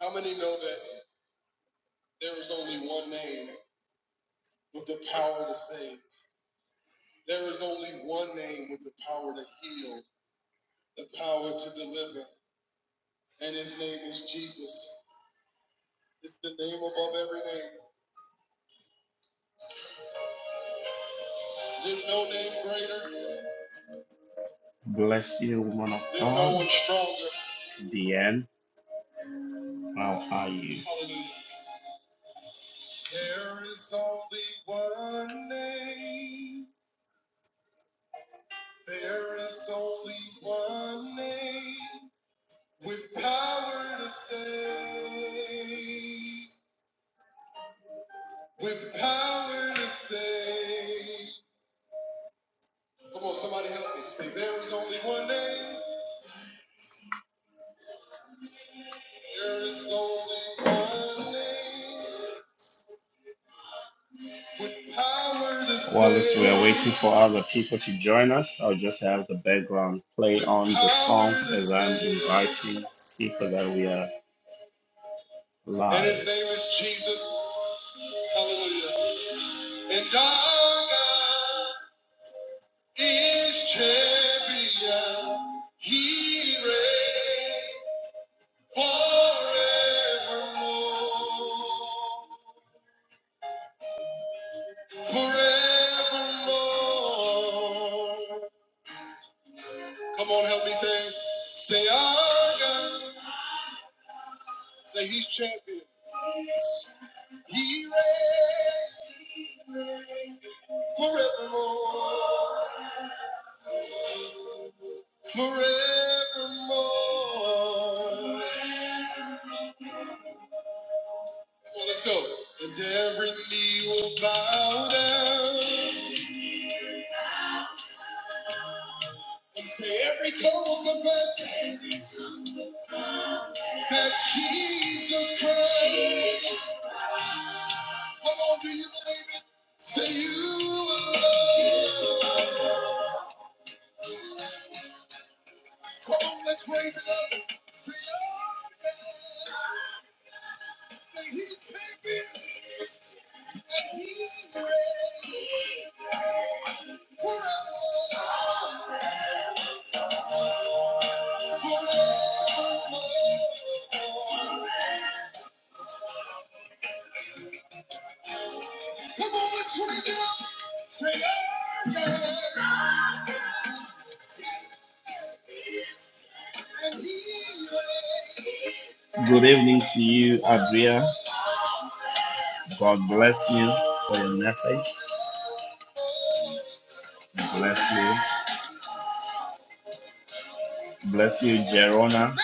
How many know that there is only one name with the power to save? There is only one name with the power to heal, the power to deliver, and his name is Jesus. It's the name above every name. There's no name greater. Bless you, woman of God. There's no God. one stronger. Deanne, how are you? Hallelujah. There is only one name. There is only one name. With power to save. With power to save. Come on, somebody help me. Say, there is only one name. There is only one name. With power to save. Whilst we are waiting for other people to join us, I'll just have the background play on the song as I'm inviting people that we are live. And his name is Jesus. Hallelujah. And our God. is champion. He reigns forevermore. Forevermore. Come on, help me say, say, our God. Say, He's champion. He reigns forevermore. Forevermore. Come on, let's go. And every knee will bow down. And say every tongue will confess that Jesus Christ. Come on, do you believe it? Say you are Lord. Come on, let's raise it up. Say I'm God. Say He's champion. He's great. Forever. Forever. oh, yeah. Good evening to you, Adria. God bless you for your message. Bless you. Bless you, Jerona.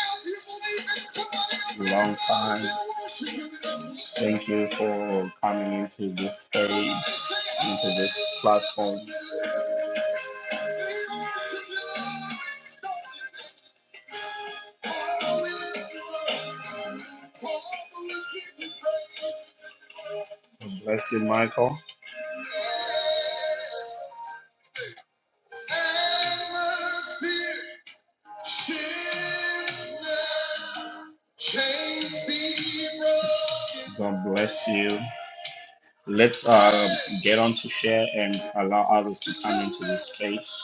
Long time. Thank you for coming into this space, into this platform. Bless you, Michael. Shift now, chains be broken. God bless you. Let's uh, get on to share and allow others to come into this space.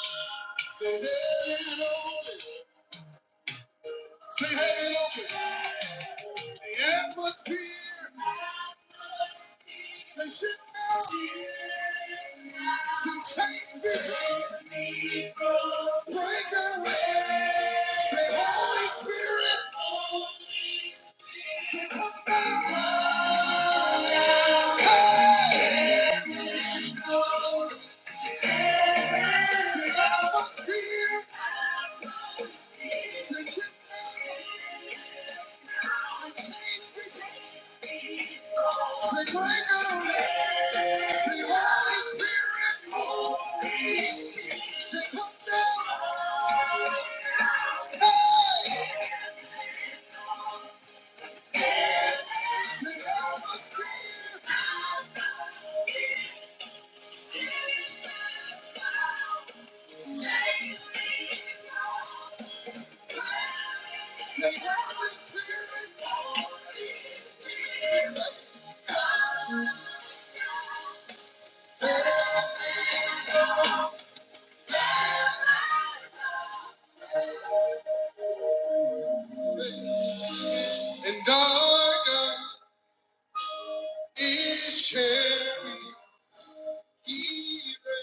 Say heaven open. The atmosphere. Say shift now. Some change me. Break away. Say Holy Spirit. Say come down. Hey. Thank you. And darker is sharing even.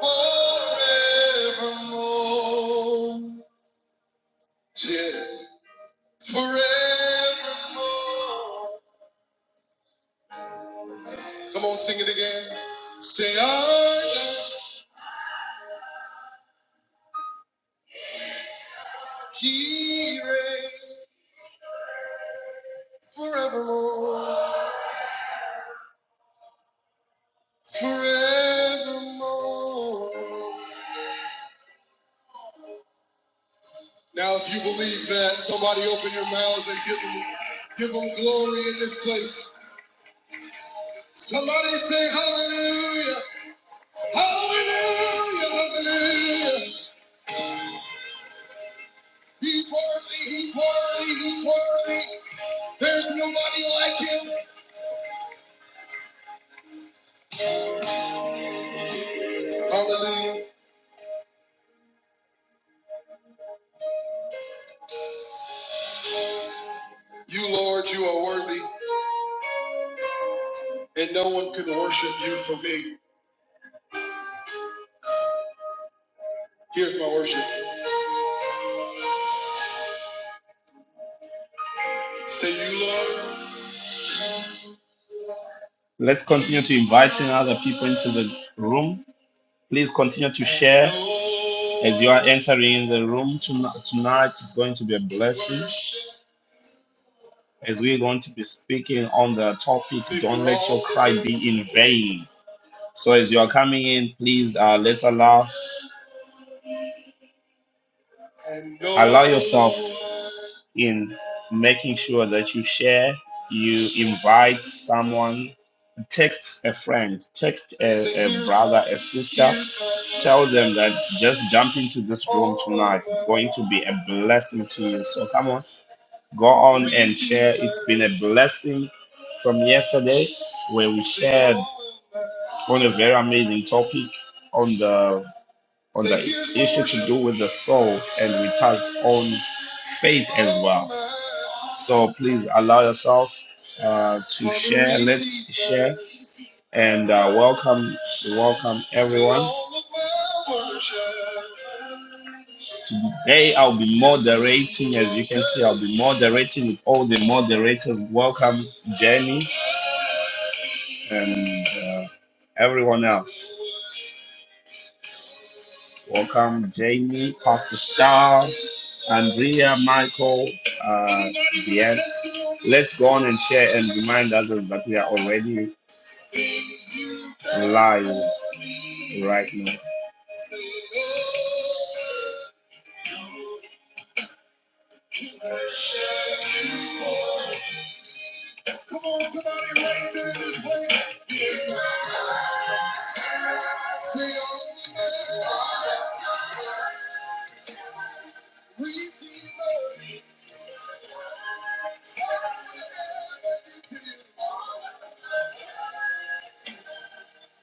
Forevermore. Yeah. Forevermore. Come on, sing it again. Say, I am He reigns forevermore. Forevermore. Now, if you believe that, somebody open your mouths and give them, give them glory in this place. Somebody say hallelujah, hallelujah, hallelujah. He's worthy, he's worthy, he's worthy. There's nobody like him. Hallelujah. You, Lord, you are worthy, and no one can worship you for me. Here's my worship. Say, You, Lord. Let's continue to invite in other people into the room. Please continue to share as you are entering the room tonight. Tonight is going to be a blessing as we're going to be speaking on the topic. Don't let your cry be in vain. So as you are coming in, please uh, let's allow allow yourself in making sure that you share you invite someone text a friend text a, a brother a sister tell them that just jump into this room tonight it's going to be a blessing to you so come on go on and share it's been a blessing from yesterday where we shared on a very amazing topic on the on the issue to do with the soul, and we touched on faith as well. So please allow yourself uh, to share. Let's share and uh, welcome, welcome everyone. Today I'll be moderating, as you can see, I'll be moderating with all the moderators. Welcome, Jenny, and uh, everyone else. Welcome, Jamie, Pastor Star, Andrea, Michael, uh, Deanne. Let's go on and share and remind others that we are already live right now.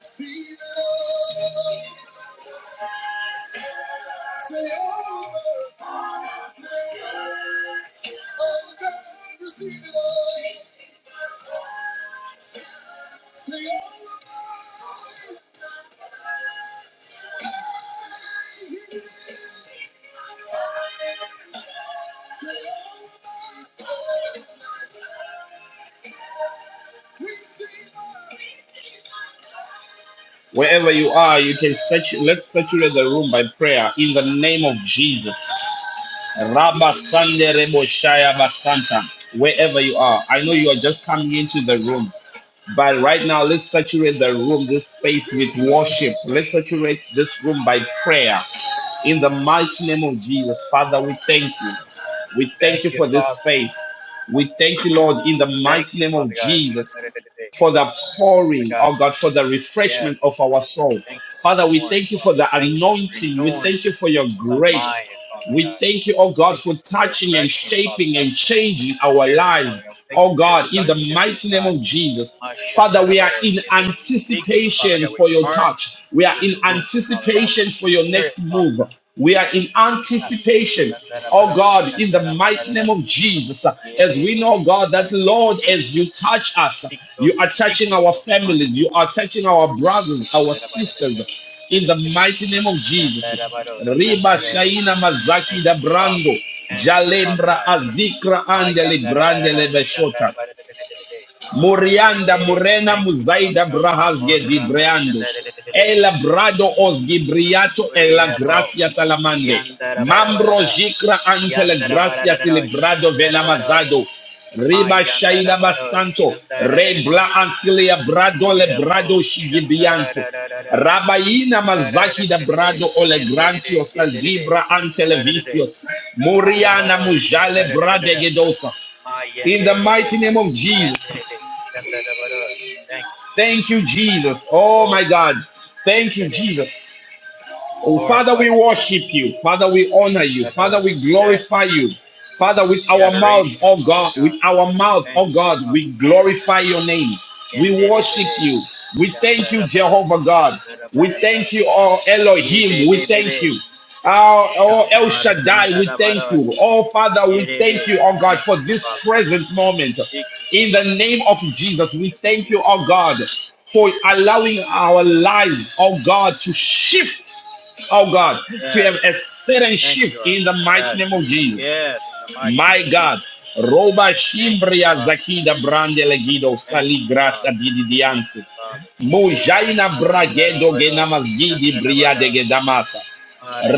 We See the Lord, say over, oh God, receive it all. Say over, say over, receive it. Wherever you are, you can search. Let's saturate the room by prayer in the name of Jesus. Rabba Sande Rebo Shaya Basanta. Wherever you are, I know you are just coming into the room. But right now, let's saturate the room, this space with worship. Let's saturate this room by prayer. In the mighty name of Jesus, Father, we thank you. We thank Thank you you, for this Father. space. We thank you, Lord, in the Thank mighty you, name of Father God. Jesus, Shanarelele. for the Father pouring, God, oh God, for the yes, refreshment of our Father God. soul. Thank you for Father, we pouring, thank you Father for the God. Thank you for the anointing. We renewing thank you for your of the grace. mind, Father We God. thank you, oh God, Thank you for for the touching and refreshing, Father shaping God. We and thank you for changing your our spirit, Father God. We lives, thank you oh for your God, in the sonship, oh mighty name God. of Jesus. Father, we are Mashandarabaro. in Yedere. We seek you, Father anticipation God. We for your charge touch. We are this in room, Father God, with anticipation your for your spirit, next Father move. God. We are in anticipation, oh Shandarabaro. God, in the mighty name Shandarabaro. of Jesus. As we know, Yebere. God, that Father, we Lord, seek as you touch Seek us, those you who are seek touching you our shall find. families, you are touching our brothers, our Shandarabaradararo, sisters, in the shandararararare, mighty name of Jesus. yandarabaro, Riba shandarare. Shaina Mazaki Thank da you, Father. Brando, Thank you, Father Jalembra God. Azikra My Andele yandarabarara, Brandele Beshota. shandarabaradarararare, Murianda yandere. Morena, Thank you, Father Muzaida God. Brahas Oranda Gedibreandus. shandararararare, El Brado Os Gibriato e la uriabo, Gracia Salamande. Mambro yandarabarabarara, Jicra ante la Gracia yandarabaradararo, Celebrado shandarabaro, Venamazado. my Riba Shaina yandarabaro, Basanto. Rebla shandararararare. Anskilia Brado Le Yeah, oh, Brado shanda da da Shigibianto. da da da, Rabaina shanda da da da Mazaki da da da da, Brado Ole yende da da, Grantio yende da da, Salvibra shanda da da da, Antelevistios. Muriana aramado, shanda Mujale da da da da da, Bradegedosa. ma In yende the da da, mighty name of Jesus. yende da da, shanda da da da. Thank you, Father, Thank you, Jesus. Oh my Lord, God. Thank yende you, da, Jesus. Oh, Father, glorify we you, Father, worship you. Father, we honor you. shanda da Father, da da. we Yes, glorify you. Father, with give you our mouth, adoration, oh Father God, with God. our mouth, Thank oh you, God, Father, we glorify your name. We yende da da worship da, you. We shanda thank you, da da da, Jehovah God. shanda We thank you, oh Yeah, Elohim. We thank you. Oh, oh El Shaddai, we thank Shaparandarabaroi. you. Oh Father, we thank Yerere. you, oh God, Thank for you, this Father God. present moment. Thank you, In the Father God. name of Jesus, we Thank you, thank you, Jesus. oh God, for allowing our lives, oh God, to shift oh God, to Yes. have a sudden Thank you, shift our in the Lord. mighty Yes. name of Jesus. Yes. In the mighty name My of God. Jesus. Roba Thank you, shimbria Father. zakida brande legido Thank sali you, grasa Father. didi Thank you, diante. Father. Mujaina bragedo Marandarabaroi. genamas gidi bria de Shandarabaroi. gedamasa.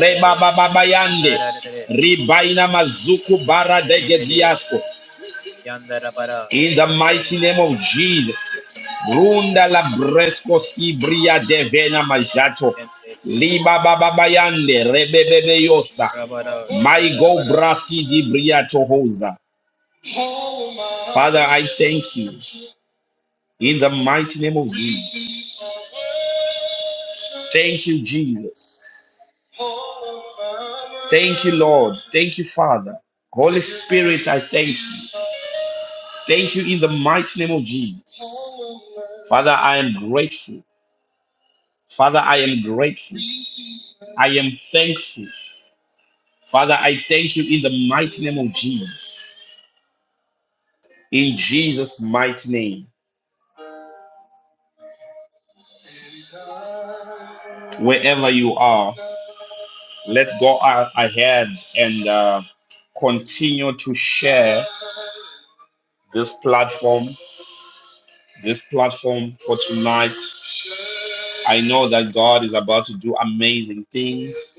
Reba baba bayande. Shandarare. Ribaina mazuku bara de Rebedeo. gediasco. Yandarabara. In the mighty Shandarare. name of Jesus. Jesus. Thank Runda you. la brescos ibria devena Rebedeo. majato. Yandarare. Liba baba bayande rebebebe yosa. Rabara. My go Shandarabara. braski dibria tohoza. Father, I thank you. In the mighty name of Jesus. Thank you, Jesus. Thank you, Lord. Thank you, Father. Holy Spirit, I thank you. Thank you in the mighty name of Jesus. Father, I am grateful. Father, I am grateful. I am thankful. Father, I thank you in the mighty name of Jesus. In Jesus' mighty name, wherever you are, let's go a- ahead and uh, continue to share this platform, this platform for tonight. I know that God is about to do amazing things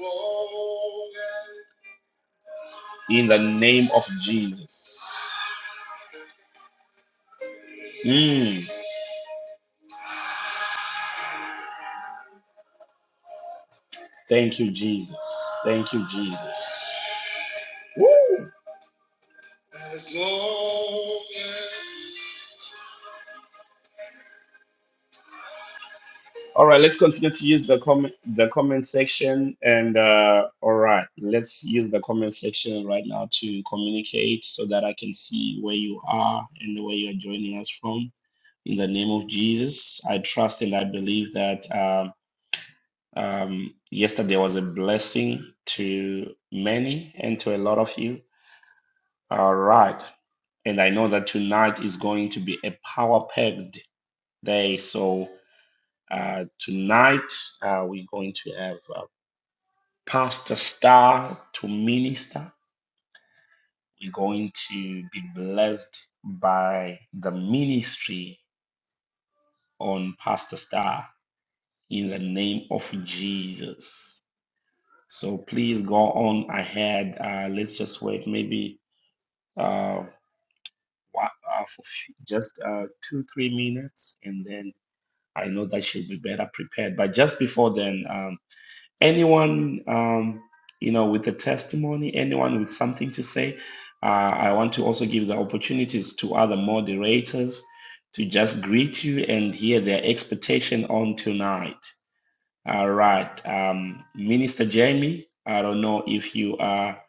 in the name of Jesus. Mm, thank you, Jesus. Thank you, Jesus. Woo! As long as- All right, let's continue to use the comment the comment section and uh, all right, let's use the comment section right now to communicate so that I can see where you are and where you are joining us from. In the name of Jesus, I trust and I believe that um, um, yesterday was a blessing to many and to a lot of you. All right, and I know that tonight is going to be a power packed day. So uh, tonight uh, we're going to have uh, Pastor Star to minister. We're going to be blessed by the ministry on Pastor Star in the name of Jesus. So please go on ahead. Uh, let's just wait maybe uh, wa- uh, for few- just uh, two, three minutes, and then I know that she'll be better prepared. But just before then, um, anyone um, you know with a testimony anyone with something to say uh, i want to also give the opportunities to other moderators to just greet you and hear their expectation on tonight all right um, minister jamie i don't know if you are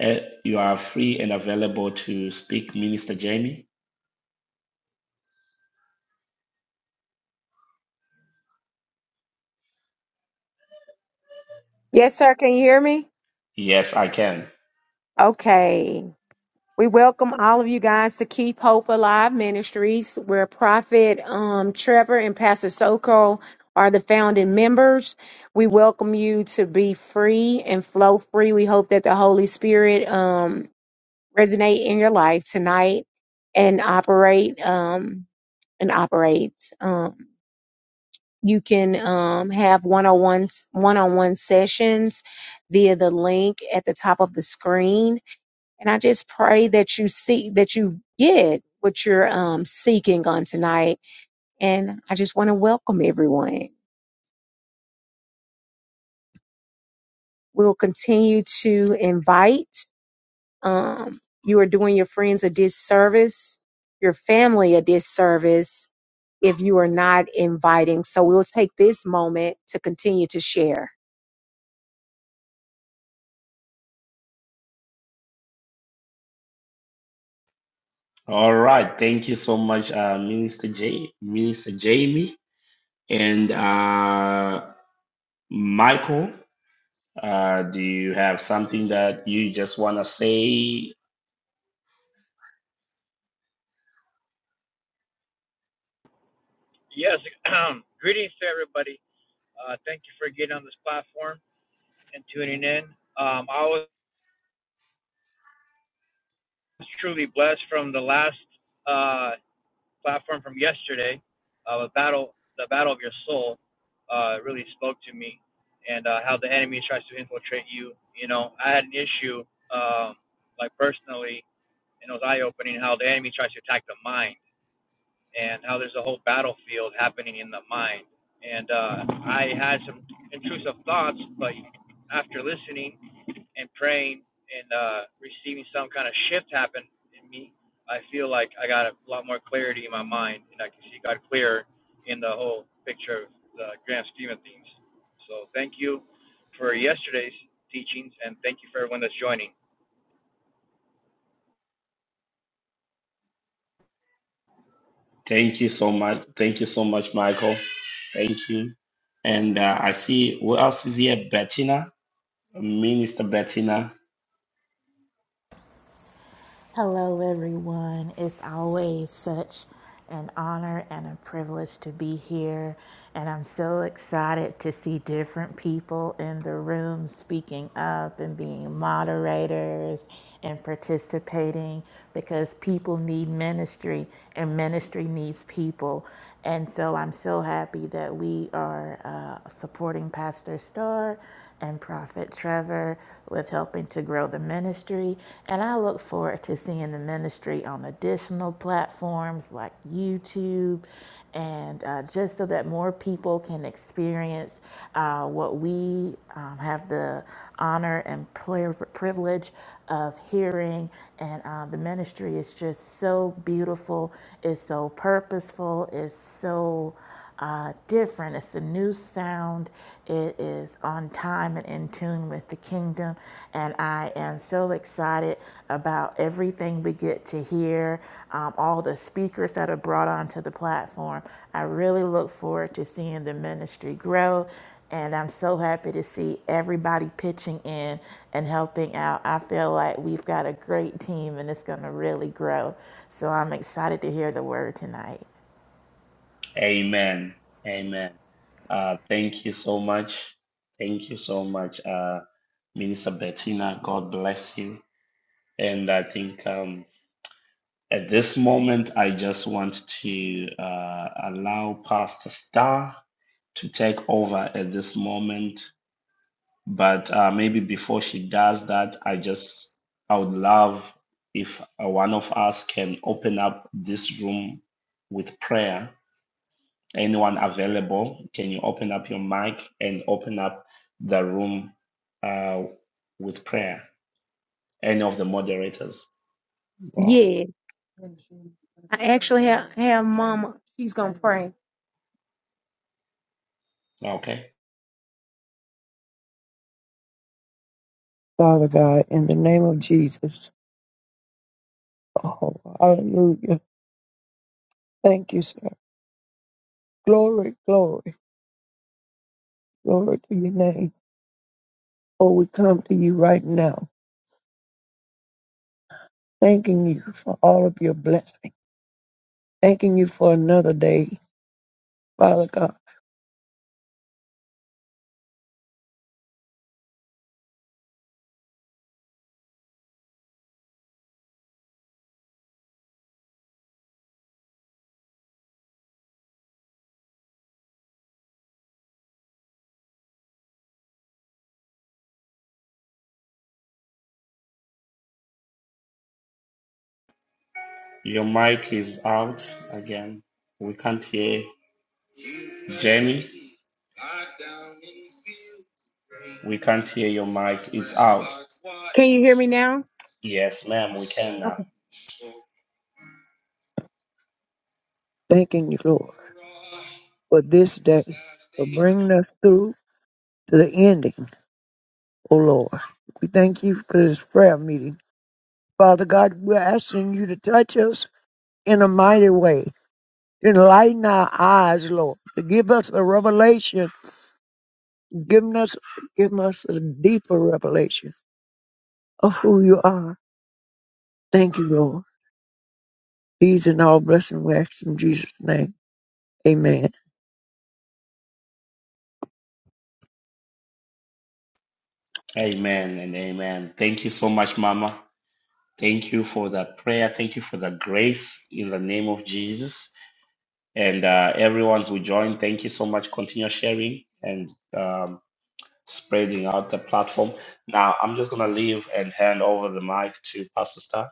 eh, you are free and available to speak minister jamie Yes, sir. Can you hear me? yes i can Okay. We welcome all of you guys to Keep Hope Alive Ministries, where Prophet um, Trevor and Pastor Soko are the founding members. We welcome you to be free and flow free. We hope that the Holy Spirit um, resonate in your life tonight and operate um, and operates. Um, you can um, have one-on-one one-on-one sessions via the link at the top of the screen And I just pray that you see that you get what you're um, seeking on tonight. And I just want to welcome everyone. We'll continue to invite. Um, you are doing your friends a disservice, your family a disservice if you are not inviting. So we'll take this moment to continue to share. all right thank you so much uh, minister J- minister jamie and uh, Michael, uh, do you have something that you just want to say? Yes. Greetings to everybody. Uh, thank you for getting on this platform and tuning in. Um, I was truly blessed from the last uh, platform from yesterday. Uh, the battle, the battle of your soul, uh, really spoke to me, and uh, how the enemy tries to infiltrate you. You know, I had an issue, um, like personally, and it was eye opening how the enemy tries to attack the mind and how there's a whole battlefield happening in the mind. And uh, I had some intrusive thoughts, but after listening and praying and uh, receiving some kind of shift happen in me, I feel like I got a lot more clarity in my mind, and I can see God clearer in the whole picture of the grand scheme of things. So thank you for yesterday's teachings, and thank you for everyone that's joining. Thank you so much. Thank you so much, Michael. Thank you. And uh, I see who else is here? Bettina, Minister Bettina. Hello, everyone. It's always such an honor and a privilege to be here. And I'm so excited to see different people in the room speaking up and being moderators and participating because people need ministry and ministry needs people. And so I'm so happy that we are uh, supporting Pastor Starr and Prophet Trevor with helping to grow the ministry. And I look forward to seeing the ministry on additional platforms like YouTube and uh, just so that more people can experience uh, what we um, have the honor and pri- privilege of hearing. And um, the ministry is just so beautiful. It's so purposeful. It's so uh, different. It's a new sound. It is on time and in tune with the kingdom. And I am so excited about everything we get to hear, um, all the speakers that are brought onto the platform. I really look forward to seeing the ministry grow and I'm so happy to see everybody pitching in and helping out. I feel like we've got a great team and it's going to really grow. So I'm excited to hear the word tonight. Amen. Amen. Uh, thank you so much. Thank you so much, uh, Minister Bettina. God bless you. And I think um, at this moment, I just want to uh, allow Pastor Star. to take over at this moment. But uh, maybe before she does that, I just, I would love if uh, one of us can open up this room with prayer. Anyone available, can you open up your mic and open up the room uh, with prayer? Any of the moderators? Well, Yeah, I actually have, have Mama. She's gonna pray. okay. Father God, in the name of Jesus. Oh, hallelujah. Thank you, sir. Glory, glory, glory to your name. Oh, we come to you right now, thanking you for all of your blessings, thanking you for another day, Father God, Your mic is out again. We can't hear Jamie, we can't hear your mic. It's out. Yes, ma'am, we can now. thanking you, Lord, for this day, for bringing us through to the ending, oh Lord. We thank you for this prayer meeting. Father God, we're asking you to touch us in a mighty way. Enlighten our eyes, Lord. To give us a revelation, giving us, give us a deeper revelation of who you are Thank you, Lord. These and all blessings we ask in Jesus' name. Amen. Amen and amen. Thank you so much, Mama. Thank you for that prayer. Thank you for the grace in the name of Jesus. And uh, everyone who joined, thank you so much. Continue sharing and um, spreading out the platform. Now, I'm just going to leave and hand over the mic to Pastor Star.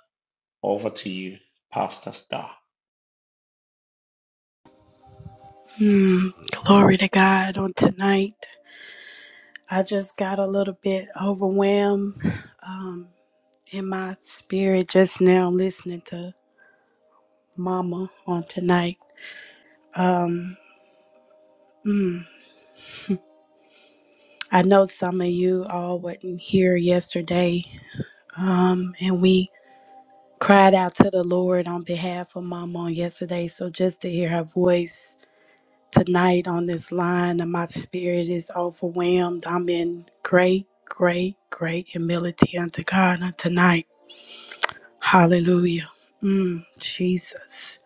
Over to you, Pastor Star. Mm, glory to God on tonight. I just got a little bit overwhelmed um, in my spirit just now listening to Mama on tonight. Um, mm, I know some of you all wasn't here yesterday, um, and we cried out to the Lord on behalf of Mama on yesterday. So just to hear her voice tonight on this line and my spirit is overwhelmed. I'm in great, great, great humility unto God on tonight. Hallelujah. Mm, Jesus.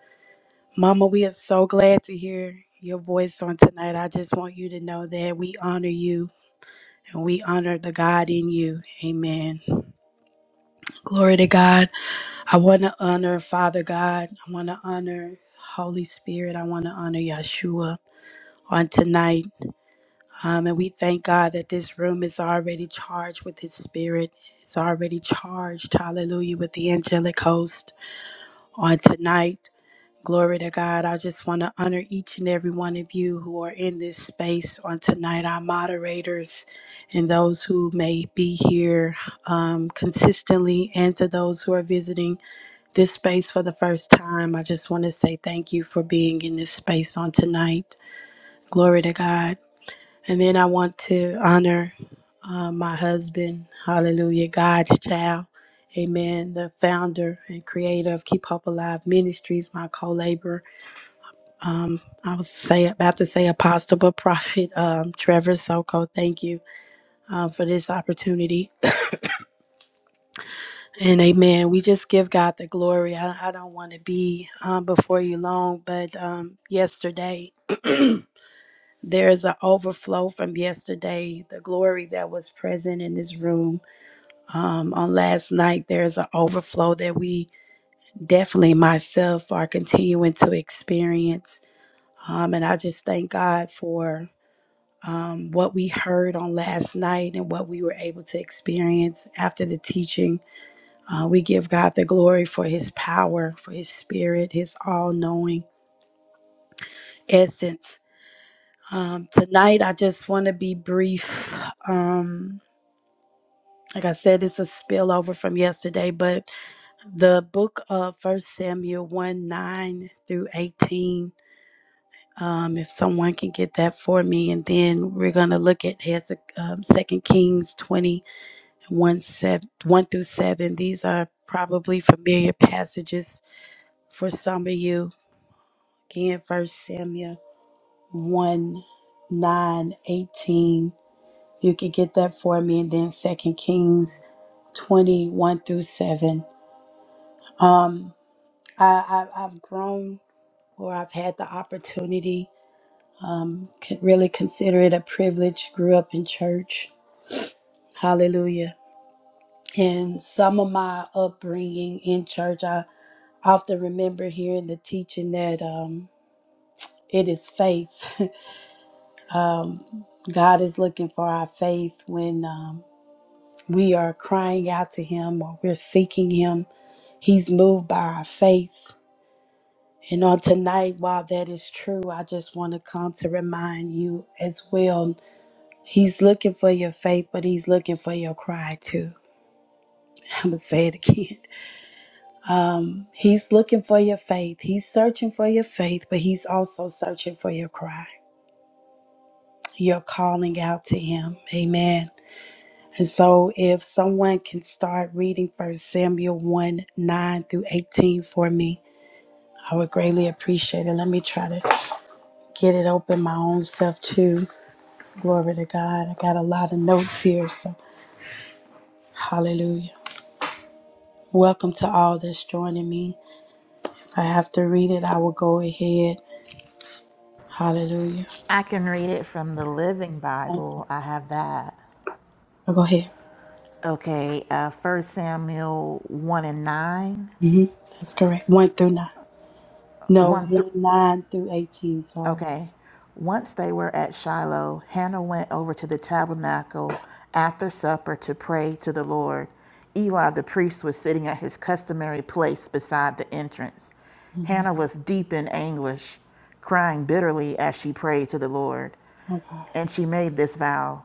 Mama, we are so glad to hear your voice on tonight. I just want you to know that we honor you and we honor the God in you. Amen. Glory to God. I want to honor Father God. I want to honor Holy Spirit. I want to honor Yeshua on tonight. Um, and we thank God that this room is already charged with His Spirit. It's already charged, hallelujah, with the angelic host on tonight. Glory to God. I just want to honor each and every one of you who are in this space on tonight, our moderators, and those who may be here um, consistently, and to those who are visiting this space for the first time. I just want to say thank you for being in this space on tonight. Glory to God. And then I want to honor uh, my husband, hallelujah, God's child, amen, the founder and creator of Keep Hope Alive Ministries, my co laborer. Um, I was say, about to say apostle, but prophet, um, Trevor Soko. Thank you uh, for this opportunity. And amen. We just give God the glory. I, I don't want to be um, before you long, but um, yesterday, there is an overflow from yesterday, the glory that was present in this room um, on last night. There's an overflow that we definitely, myself, are continuing to experience. Um, and I just thank God for um, what we heard on last night and what we were able to experience after the teaching. Uh, we give God the glory for his power, for his spirit, his all knowing essence. Um, tonight, I just want to be brief. Um, Like I said, it's a spillover from yesterday, but the book of First Samuel 1 9 through 18. Um, if someone can get that for me, and then we're going to look at Hezek, um, 2 Kings twenty one seven one through 7. These are probably familiar passages for some of you. Again, First Samuel 1 9 18. You can get that for me, and then Second Kings 21 through 7. Um, I, I, I've grown or I've had the opportunity, um, could really consider it a privilege. Grew up in church. Hallelujah. And some of my upbringing in church, I often remember hearing the teaching that um, it is faith. um, God is looking for our faith when um, we are crying out to Him or we're seeking Him. He's moved by our faith. And on tonight, while that is true, I just want to come to remind you as well. He's looking for your faith, but he's looking for your cry too. I'm going to say it again. Um, he's looking for your faith. He's searching for your faith, but he's also searching for your cry, your calling out to him. Amen. And so, if someone can start reading First Samuel 1 9 through 18 for me, I would greatly appreciate it. Let me try to get it open my own self too. Glory to God. I got a lot of notes here, so hallelujah. Welcome to all that's joining me. If I have to read it, I will go ahead. Hallelujah. I can read it from the Living Thank you. Bible. I have that. Oh, go ahead. Okay, uh, 1 Samuel 1 and 9. hmm That's correct. 1 through 9. No, 1, th- 1 9 through 18. Sorry. Okay. Once they were at Shiloh, Hannah went over to the tabernacle after supper to pray to the Lord. Eli the priest was sitting at his customary place beside the entrance. hmm Hannah was deep in anguish, crying bitterly as she prayed to the Lord. My God. And she made this vow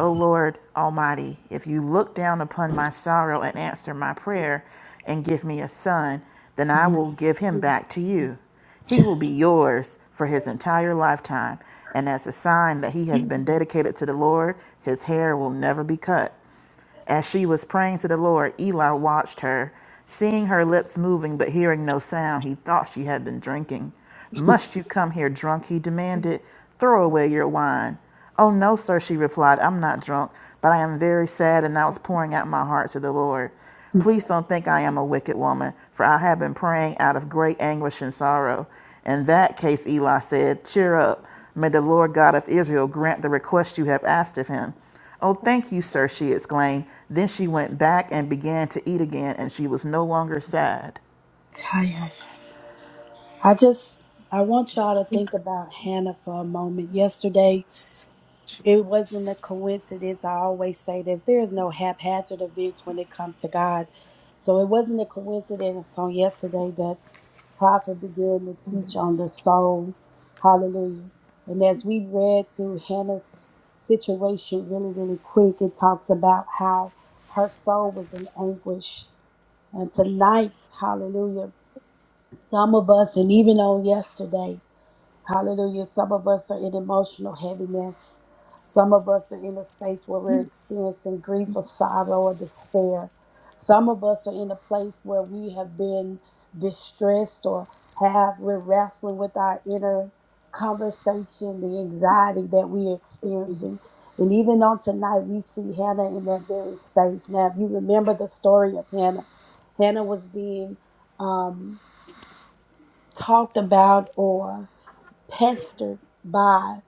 O Lord Almighty, if you look down upon my sorrow and answer my prayer and give me a son, then I Mhm. will give him back to you. He will be yours for his entire lifetime, and as a sign that he has been dedicated to the Lord, his hair will never be cut. As she was praying to the Lord, Eli watched her, seeing her lips moving but hearing no sound. He thought she had been drinking. Must you come here drunk? He demanded. Throw away your wine. Oh, no, sir, she replied. I'm not drunk, but I am very sad, and I was pouring out my heart to the Lord. Please don't think I am a wicked woman, for I have been praying out of great anguish and sorrow. In that case, Eli said, Cheer up. May the Lord God of Israel grant the request you have asked of him. Oh, thank you, sir, she exclaimed. Then she went back and began to eat again, and she was no longer sad. Hi, hi. I just, I want y'all to think about Hannah for a moment. Yesterday, It wasn't a coincidence. I always say this. There is no haphazard events when it comes to God. So it wasn't a coincidence on yesterday that prophet began to teach on the soul. Hallelujah. And as we read through Hannah's situation really, really quick, it talks about how her soul was in anguish. And tonight, hallelujah, some of us, and even on yesterday, Hallelujah. Some of us are in emotional heaviness. Some of us are in a space where we're experiencing grief or sorrow or despair. Some of us are in a place where we have been distressed or have we're wrestling with our inner conversation, the anxiety that we're experiencing. And even on tonight, we see Hannah in that very space. Now, if you remember the story of Hannah, Hannah was being um, talked about or pestered by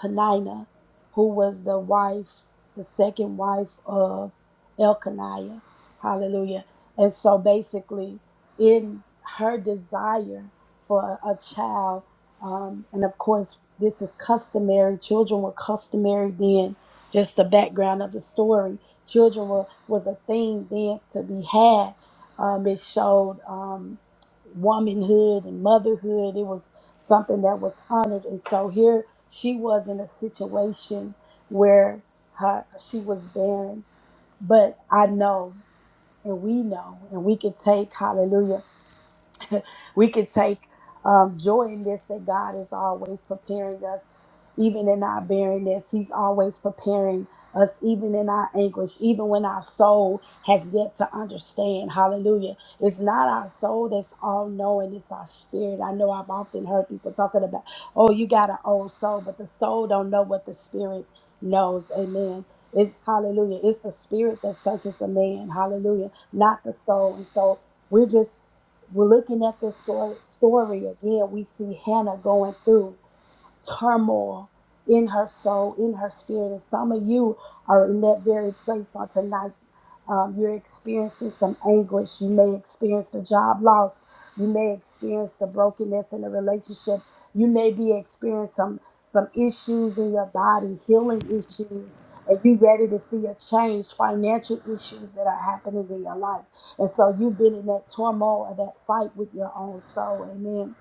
Penina, who was the wife, the second wife of Elkaniah. Hallelujah. And so basically, in her desire for a child, um, and of course, this is customary, children were customary then. Just the background of the story. Children were, was a thing then to be had. Um, it showed um, womanhood and motherhood. It was something that was honored. And so here she was in a situation where her, she was barren. But I know, and we know, and we can take, hallelujah we can take um, joy in this that God is always preparing us, even in our barrenness. He's always preparing us, even in our anguish, even when our soul has yet to understand. Hallelujah. It's not our soul that's all knowing, it's our spirit. I know I've often heard people talking about, oh, you got an old soul, but the soul don't know what the spirit knows. Amen. It's hallelujah. It's the spirit that searches a man. Hallelujah. Not the soul. And so we're just we're looking at this stor- story again. We see Hannah going through turmoil in her soul, in her spirit. And some of you are in that very place on tonight um, you're experiencing some anguish. You may experience a job loss. You may experience the brokenness in a relationship. You may be experiencing some some issues in your body, healing issues, and you ready to see a change, financial issues that are happening in your life. And so you've been in that turmoil or that fight with your own soul. Amen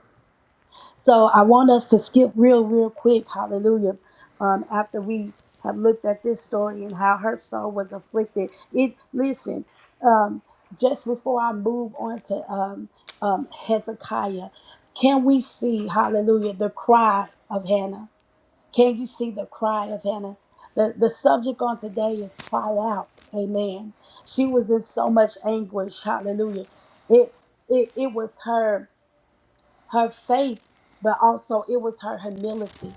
so I want us to skip real, real quick, hallelujah, um, after we have looked at this story and how her soul was afflicted. It listen, um, just before I move on to um, um, Hezekiah, can we see, hallelujah, the cry of Hannah? Can you see the cry of Hannah? The, the subject on today is cry out. Amen. She was in so much anguish. Hallelujah. It it, it was her her faith, but also it was her humility.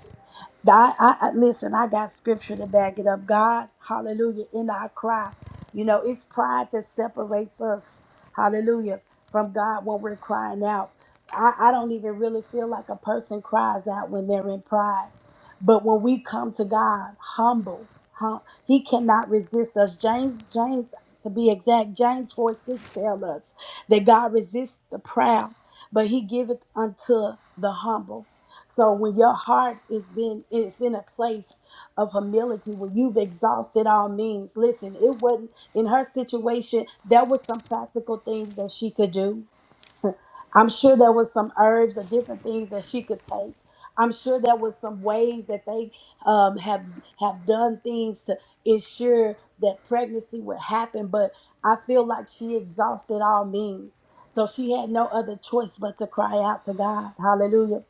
I, I, I- listen, I got scripture to back it up. God, hallelujah, in our cry. You know, it's pride that separates us, hallelujah, from God when we're crying out. I, I don't even really feel like a person cries out when they're in pride. But when we come to God humble, hum, he cannot resist us. James, James, to be exact, James 4 6 tell us that God resists the proud but he giveth unto the humble. So when your heart is been it's in a place of humility, when you've exhausted all means, listen, it wasn't in her situation, there was some practical things that she could do I'm sure there was some herbs or different things that she could take. I'm sure there was some ways that they um, have have done things to ensure that pregnancy would happen. But I feel like she exhausted all means, so she had no other choice but to cry out to God. Hallelujah.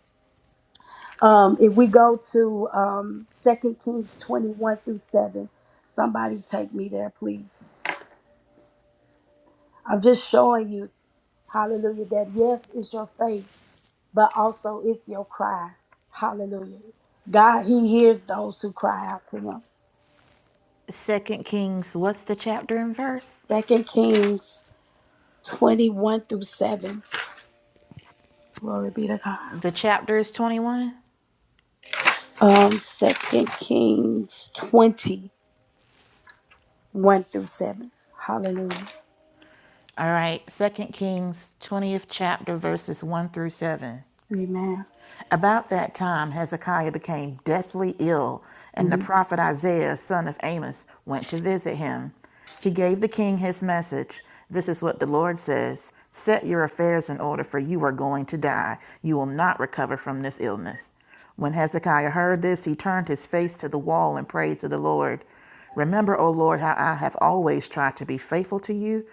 Um, if we go to um, 2 Kings 21 through 7, somebody take me there, please. I'm just showing you, Hallelujah, that yes, it's your faith but also it's your cry. Hallelujah. God, He hears those who cry out to Him. Second Kings, what's the chapter and verse? Second Kings 21 through 7. Glory be to God. The all Um, Second Kings 21 through 7. Hallelujah. right, Second Kings, twentieth chapter, verses one through seven. Amen. About that time, Hezekiah became deathly ill, and the prophet Isaiah, son of Amos, went to visit him. He gave the king his message This is what the Lord says Set your affairs in order, for you are going to die. You will not recover from this illness. When Hezekiah heard this, he turned his face to the wall and prayed to the Lord. Remember, O Lord, how I have always tried to be faithful to you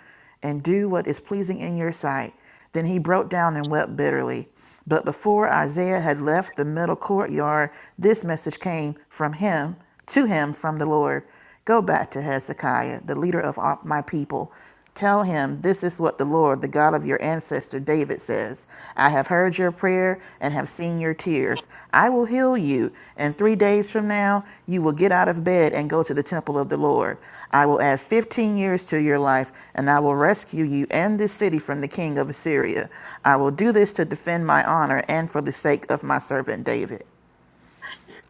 and do what is pleasing in your sight. Then he broke down and wept bitterly. But before Isaiah had left the middle courtyard, this message came from him to him from the Lord Go back to Hezekiah, the leader of my people. Tell him, This is what the Lord, the God of your ancestor David, says I have heard your prayer and have seen your tears. I will heal you, and three days from now you will get out of bed and go to the temple of the Lord. I will add 15 years to your life, and I will rescue you and this city from the king of Assyria. I will do this to defend my honor and for the sake of my servant David.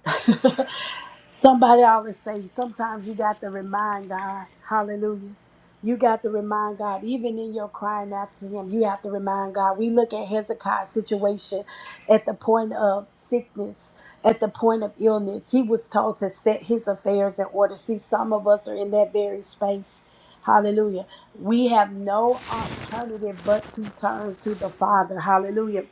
Somebody always say, sometimes you got to remind God. Hallelujah. You got to remind God, even in your crying out to Him, you have to remind God. We look at Hezekiah's situation at the point of sickness, at the point of illness. He was told to set his affairs in order. See, some of us are in that very space. Hallelujah. We have no alternative but to turn to the Father. Hallelujah.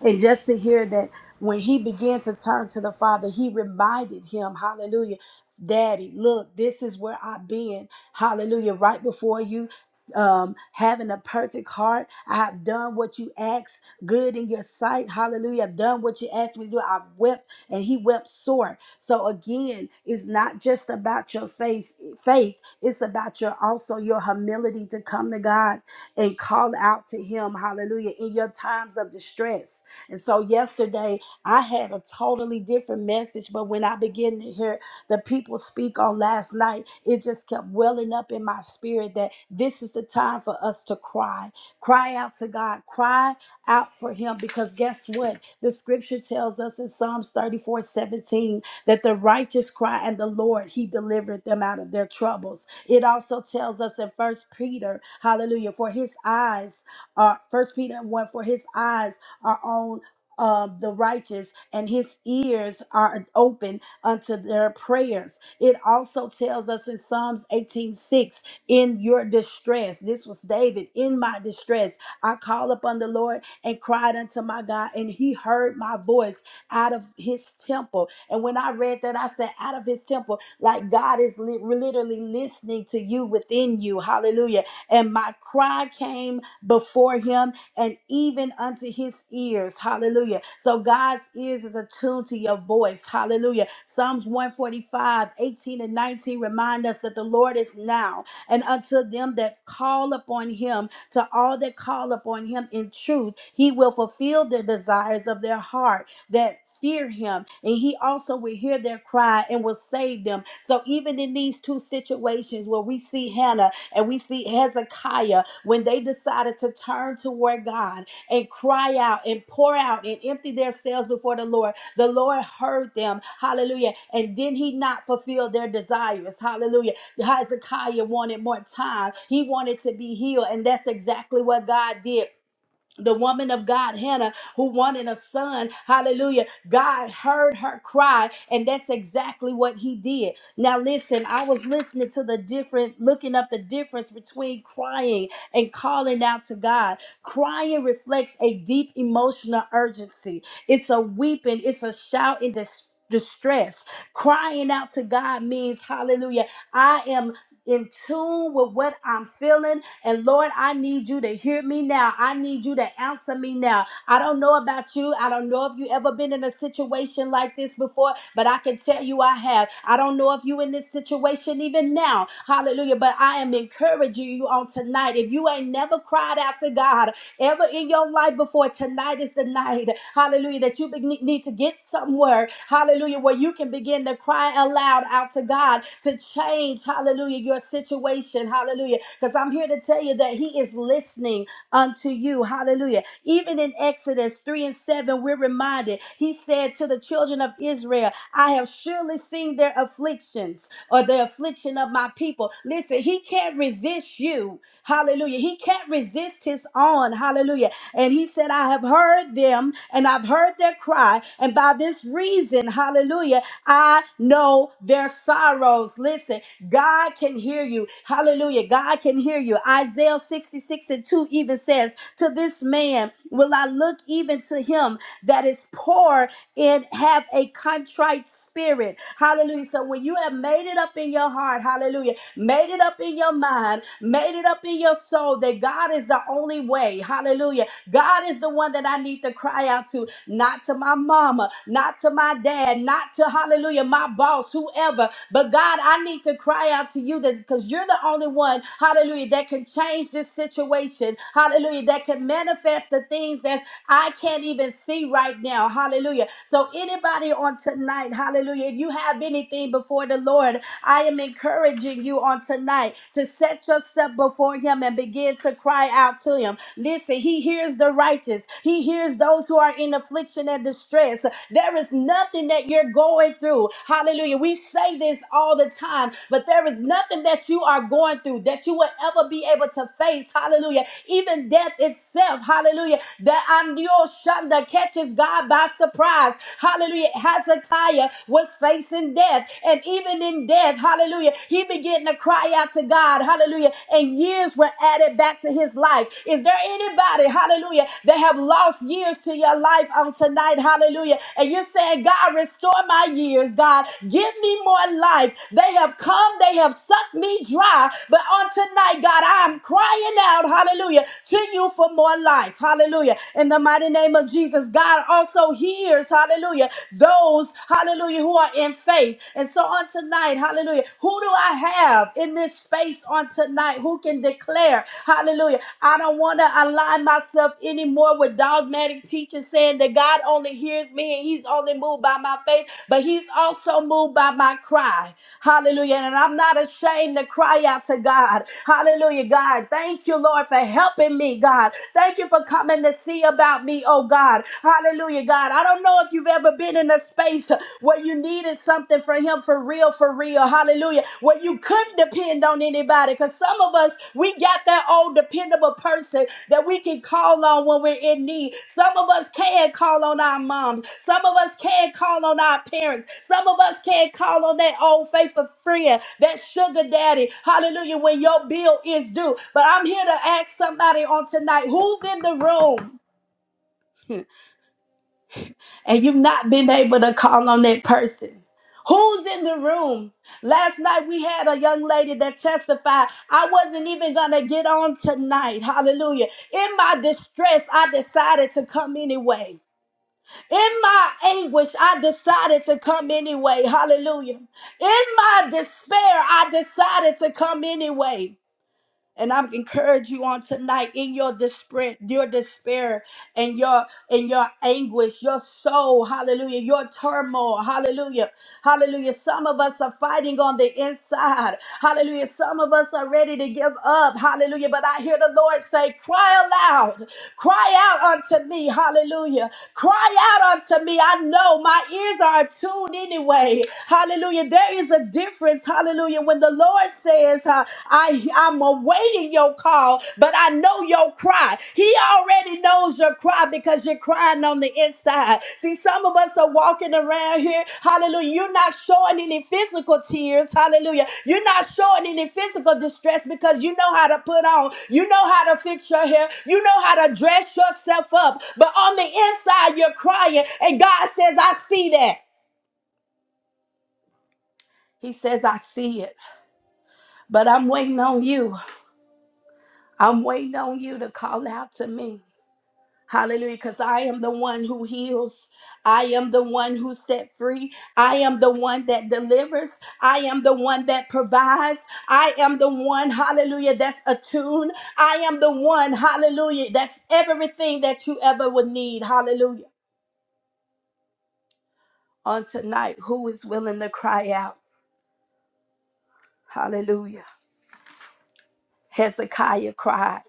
And just to hear that when he began to turn to the Father, he reminded him, hallelujah, Daddy, look, this is where I've been, hallelujah, right before you. Um, having a perfect heart, I have done what you asked, good in your sight, hallelujah. I've done what you asked me to do. I've wept, and he wept sore. So, again, it's not just about your faith, faith, it's about your also your humility to come to God and call out to him hallelujah in your times of distress and so yesterday I had a totally different message, but when I began to hear the people speak on last night, it just kept welling up in my spirit that this is the time for us to cry. Cry out to God, cry out for him because guess what? The scripture tells us in Psalms 34 17 that the righteous cry and the Lord, he delivered them out of their troubles. It also tells us in First Peter, hallelujah, for his eyes, uh, First Peter 1, for his eyes are on uh, the righteous, and his ears are open unto their prayers. It also tells us in Psalms 18 6, in your distress, this was David, in my distress, I called upon the Lord and cried unto my God, and he heard my voice out of his temple. And when I read that, I said, out of his temple, like God is li- literally listening to you within you. Hallelujah. And my cry came before him and even unto his ears. Hallelujah. So God's ears is attuned to your voice. Hallelujah. Psalms one forty five, eighteen and 19 remind us that the Lord is now and unto them that call upon him, to all that call upon him in truth, he will fulfill the desires of their heart that fear him and he also will hear their cry and will save them so even in these two situations where we see hannah and we see Hezekiah when they decided to turn toward God and cry out and pour out and empty themselves before the Lord. The Lord heard them. Hallelujah. And did he not fulfill their desires? Hallelujah. Hezekiah wanted more time. He wanted to be healed. And that's exactly what God did the woman of God, Hannah, who wanted a son. Hallelujah. God heard her cry, and that's exactly what he did. Now, listen, I was listening to the different, looking up the difference between crying and calling out to God. Crying reflects a deep emotional urgency, it's a weeping, it's a shout in dis- Distress. Crying out to God means, hallelujah, I am in tune with what I'm feeling. And Lord, I need you to hear me now. I need you to answer me now. I don't know about you. I don't know if you ever been in a situation like this before, but I can tell you I have. I don't know if you in this situation even now. Hallelujah. But I am encouraging you on tonight. If you ain't never cried out to God ever in your life before, tonight is the night. Hallelujah. That you be- need to get somewhere. Hallelujah. Where you can begin to cry aloud out to God to change. Hallelujah. Your situation. Hallelujah. Because I'm here to tell you that He is listening unto you. Hallelujah. Even in Exodus 3 and 7, we're reminded, he said to the children of Israel, I have surely seen their afflictions or the affliction of my people. Listen, he can't resist you. Hallelujah. He can't resist his own. Hallelujah. And he said, I have heard them and I've heard their cry. And by this reason, hallelujah, I know their sorrows. Listen, God can hear hear you. Hallelujah. God can hear you. Isaiah 66 and 2 even says, To this man will I look even to him that is poor and have a contrite spirit. Hallelujah. So when you have made it up in your heart, hallelujah, made it up in your mind, made it up in your soul that God is the only way. Hallelujah. God is the one that I need to cry out to, not to my mama, not to my dad, not to hallelujah, my boss, whoever. But God, I need to cry out to you that because you're the only one, hallelujah, that can change this situation, hallelujah, that can manifest the things that I can't even see right now, hallelujah. So, anybody on tonight, hallelujah, if you have anything before the Lord, I am encouraging you on tonight to set yourself before Him and begin to cry out to Him. Listen, He hears the righteous, He hears those those who are in affliction and distress. There is nothing that you're going through. Hallelujah. We say this all the time, but there is nothing that you are going through that you will ever be able to face. Hallelujah. Even death itself. Hallelujah. That I'm your Shanda catches God by surprise. Hallelujah. Hezekiah was facing death. And even in death, hallelujah, he began to cry out to God. Hallelujah. And years were added back it back to his life. Is there anybody, hallelujah, that have lost years to your life on tonight, hallelujah, and you're saying, God, restore my years, God, give me more life. They have come, they have sucked me dry, but on tonight, God, I am crying out, hallelujah, to you for more life, hallelujah. In the mighty name of Jesus, God also hears, hallelujah, those, hallelujah, who are in faith. And so on tonight, hallelujah, who who do I have in this space on tonight who can declare, hallelujah, I don't want to align myself anymore with dogmatic teachers saying that God only hears me and he's only moved by my faith, but he's also moved by my cry. Hallelujah. And I'm not ashamed to cry out to God. Hallelujah, God. Thank you, Lord, for helping me, God. Thank you for coming to see about me, oh God. Hallelujah, God. I don't know if you've ever been in a a space where you needed something from him for real, for real. Hallelujah. Where you couldn't depend on anybody. Because some of us, we got that old dependable person that we can call on when we're in need. Some of us can call on our moms. Some of us can call on our parents. Some of us can call on that old faithful friend, that sugar daddy. Hallelujah. When your bill is due. But I'm here to ask somebody on tonight who's in the room? and you've not been able to call on that person. Who's in the room? Last night we had a young lady that testified, I wasn't even going to get on tonight. Hallelujah. In my distress, I decided to come anyway. In my anguish, I decided to come anyway. Hallelujah. In my despair, I decided to come anyway. And I'm encourage you on tonight in your despair, your despair and your in your anguish, your soul, hallelujah, your turmoil, hallelujah, hallelujah. Some of us are fighting on the inside, hallelujah. Some of us are ready to give up, hallelujah. But I hear the Lord say, Cry aloud, cry out unto me, hallelujah. Cry out unto me. I know my ears are attuned anyway. Hallelujah. There is a difference. Hallelujah. When the Lord says, uh, I, I'm awaiting your call, but I know your cry. He already knows your cry because you're crying on the inside. See, so some of us are walking around here, hallelujah. You're not showing any physical tears, hallelujah. You're not showing any physical distress because you know how to put on, you know how to fix your hair, you know how to dress yourself up. But on the inside, you're crying, and God says, I see that. He says, I see it, but I'm waiting on you. I'm waiting on you to call out to me. Hallelujah. Because I am the one who heals. I am the one who set free. I am the one that delivers. I am the one that provides. I am the one, hallelujah, that's attuned. I am the one, hallelujah, that's everything that you ever would need. Hallelujah. On tonight, who is willing to cry out? Hallelujah. Hezekiah cried.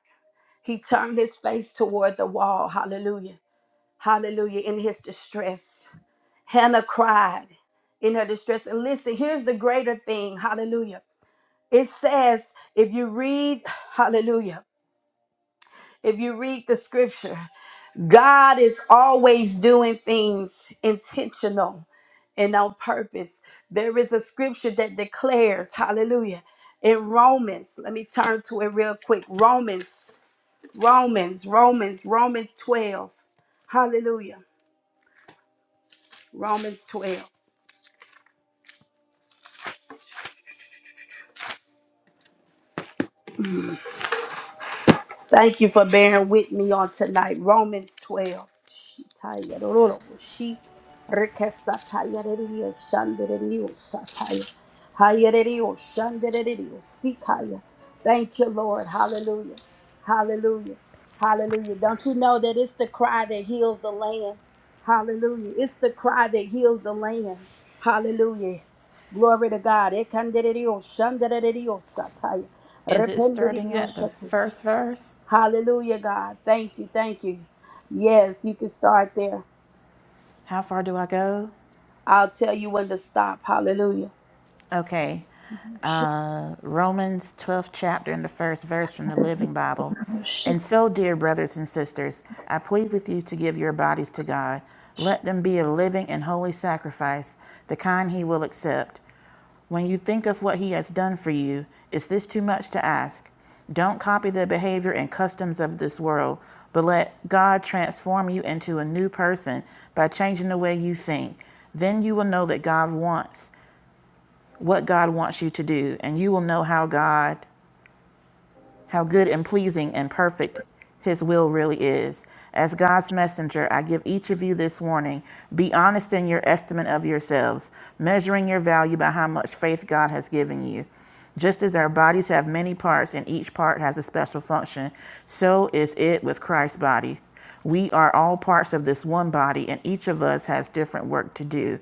He turned his face toward the wall. Hallelujah. Hallelujah. In his distress. Hannah cried in her distress. And listen, here's the greater thing. Hallelujah. It says, if you read, hallelujah, if you read the scripture, God is always doing things intentional and on purpose. There is a scripture that declares, hallelujah, in Romans, let me turn to it real quick. Romans, Romans, Romans, Romans 12. Hallelujah. Romans 12. Thank you for bearing with me on tonight. Romans 12. She tired, ororobo, she rekesa tayereriyo, sataya, hayereriyo, shandereriyo, sikaya. Thank you, Lord. Hallelujah. Hallelujah. Hallelujah. Don't you know that it's the cry that heals the land? Hallelujah. It's the cry that heals the land. Hallelujah. Glory to God. Ekanderiyo, shandereriyo, sataya, Is it starting rependeriyo, at the shataya. first verse? Hallelujah, God. Thank you. Thank you. Yes, you can start there. How far do I go? I'll tell you when to stop. Hallelujah. Okay. Romans 12th chapter and the first verse from the Living Bible. And so, dear brothers and sisters, I plead with you to give your bodies to God. Let them be a living and holy sacrifice, the kind he will accept. When you think of what he has done for you, is this too much to ask? Don't copy the behavior and customs of this world, but let God transform you into a new person by changing the way you think. Then you will know that God wants what God wants you to do, and you will know how God how good and pleasing and perfect His will really is. As God's messenger, I give each of you this warning be honest in your estimate of yourselves, measuring your value by how much faith God has given you. Just as our bodies have many parts and each part has a special function, so is it with Christ's body. We are all parts of this one body, and each of us has different work to do.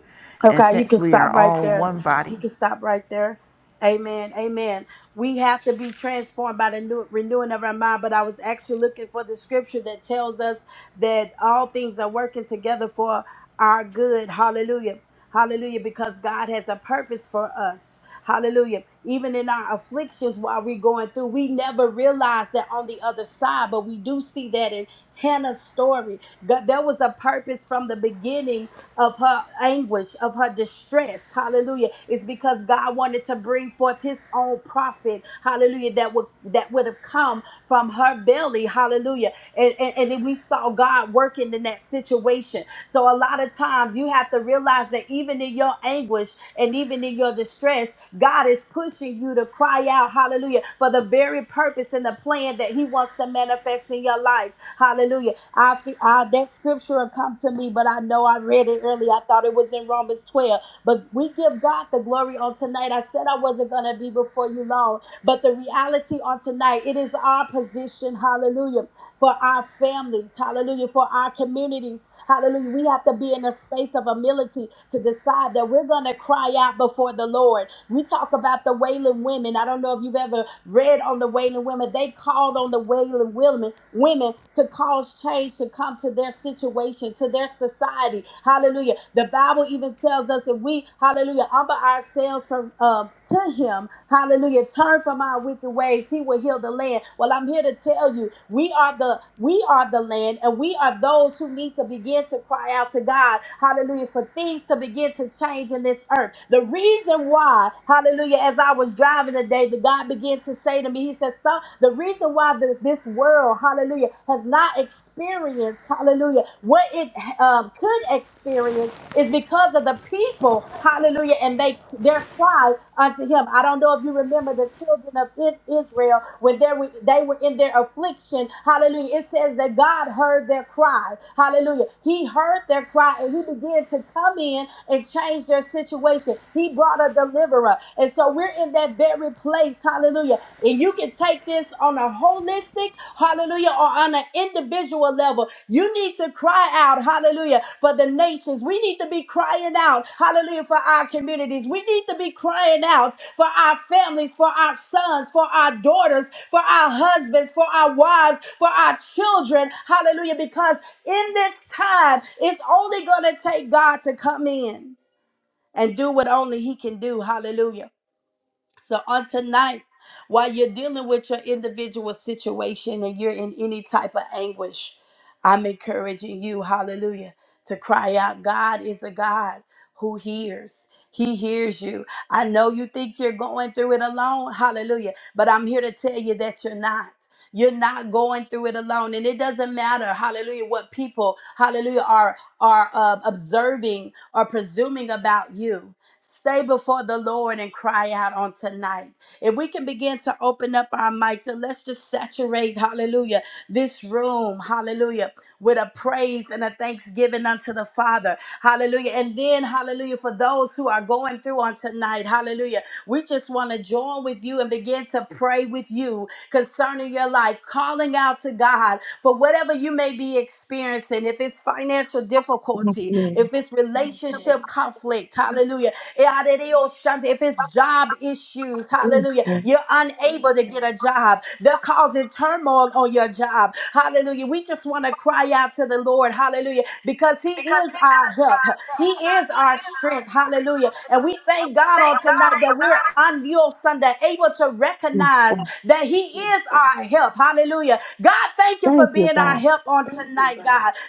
And Okay, you since can we are stop right all there. one body, You can stop right there. Amen. Amen. We have to be transformed by the new, renewing of our mind. But I was actually looking for the scripture that tells us that all things are working together for our good. Hallelujah. Hallelujah. Because God has a purpose for us. Hallelujah. Even in our afflictions while we're going through, we never realize that on the other side, but we do see that in Hannah's story. God, there was a purpose from the beginning of her anguish, of her distress, hallelujah, is because God wanted to bring forth his own prophet, hallelujah, that would that would have come from her belly, hallelujah and, and, and then we saw God working in that situation. So a lot of times you have to realize that even in your anguish and even in your distress, God is pushing you to cry out, hallelujah, for the very purpose and the plan that He wants to manifest in your life. Hallelujah. I, fe- I that scripture will come to me, but I know I read it early. I thought it was in Romans 12. But we give God the glory on tonight. I said I wasn't gonna be before you long, but the reality on tonight, it is our position, hallelujah for our families, hallelujah, for our communities, hallelujah. We have to be in a space of humility to decide that we're going to cry out before the Lord. We talk about the wailing women. I don't know if you've ever read on the wailing women. They called on the wailing women, women to cause change to come to their situation, to their society. Hallelujah. The Bible even tells us that we, hallelujah, humble ourselves from um, to Him. Hallelujah. Turn from our wicked ways. He will heal the land. Well, I'm here to tell you, we we are the we are the land and we are those who need to begin to cry out to God. Hallelujah. For things to begin to change in this earth. The reason why, hallelujah, as I was driving today, the God began to say to me, He said, Son, the reason why the, this world, hallelujah, has not experienced, hallelujah, what it um, could experience it's because of the people, hallelujah, and they their cry unto him. I don't know if you remember the children of I- Israel when they were, they were in their affliction. Hallelujah. It says that God heard their cry. Hallelujah. He heard their cry and he began to come in and change their situation. He brought a deliverer. And so we're in that very place. Hallelujah. And you can take this on a holistic, hallelujah, or on an individual level. You need to cry out, hallelujah, for the nations. We need to be crying out, hallelujah, for our communities. We need to be crying out for our families, for our sons, for our daughters, for our husbands, for our wives, for our children, hallelujah, because in this time, it's only going to take God to come in and do what only He can do, hallelujah. So on tonight, while you're dealing with your individual situation and you're in any type of anguish, I'm encouraging you, hallelujah, to cry out. God is a God who hears. He hears you. I know you think you're going through it alone, hallelujah, but I'm here to tell you that you're not. You're not going through it alone, and it doesn't matter, hallelujah, what people, hallelujah, are are um, observing or presuming about you. Stay before the Lord and cry out on tonight. If we can begin to open up our mics and let's just saturate, hallelujah, this room, hallelujah, with a praise and a thanksgiving unto the Father, hallelujah. And then, hallelujah, for those who are going through on tonight, hallelujah, we just want to join with you and begin to pray with you concerning your life, calling out to God for whatever you may be experiencing, if it's financial difficulty, if it's relationship conflict, hallelujah if it's job issues, hallelujah, you're unable to get a job. They're causing turmoil on your job. Hallelujah. We just want to cry out to the Lord, hallelujah, because He because is he our does help. our He is He our is our strength, hallelujah. And we thank God Thank on tonight that God. we're on your Sunday, able to recognize that He is our help, hallelujah. God, thank you for being our help on tonight, God.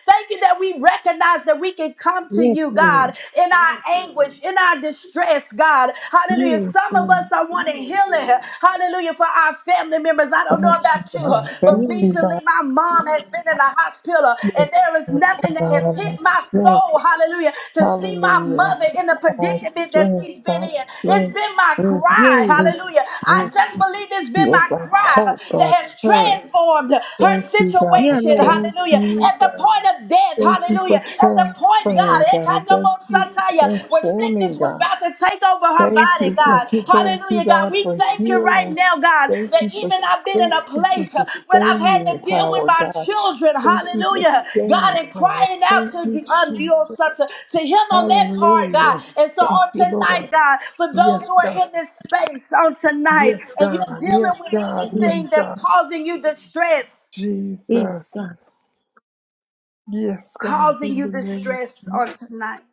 Thank you that we recognize that we can come to Yes, you, God, Lord. in Yes, our anguish, in our distress, God. Hallelujah. Yes, Some of Lord. us are wanting Yes, healing. Hallelujah. For our family members. I don't know Thank Yes, you, about you, God. Thank but Yes. you, God. recently my mom has Yes, been in the hospital and Yes, there is yes, Lord nothing God, that has hit our my strength. soul hallelujah, to see my Hallelujah. mother in the Our predicament that strength, she's been our in. It's strength. been my Mm, cry, mm, hallelujah. I mm. just believe it's been my Yes, our cry hope, that our has courage. transformed her Thank you, God. Yeah, situation, Lord. Thank hallelujah. you, At the God. point of death, Thank you for hallelujah. At the point, God, transferring, eh, God. Thank you for kandomosataya, where transforming, sickness was God. about to take over her Thank body, you for God, hallelujah. thank you, Hallelujah, God. God, We for thank you right healing. now, God, Thank that you for even I've been in a substance and place uh, where I've had sustaining to deal with power, my God. children. Thank you for Hallelujah. staying God, and power. crying out Thank to you, the um, your Jesus. son, to, to him on that part, God. Hallelujah. And so Thank on you, Lord. tonight, God, for Yes, those who God. are in this space on Yes, tonight, and you're God. Yes, dealing with God. Yes, anything that's God. causing you distress, Jesus. Yes, God. causing In you the name of distress on Jesus. tonight.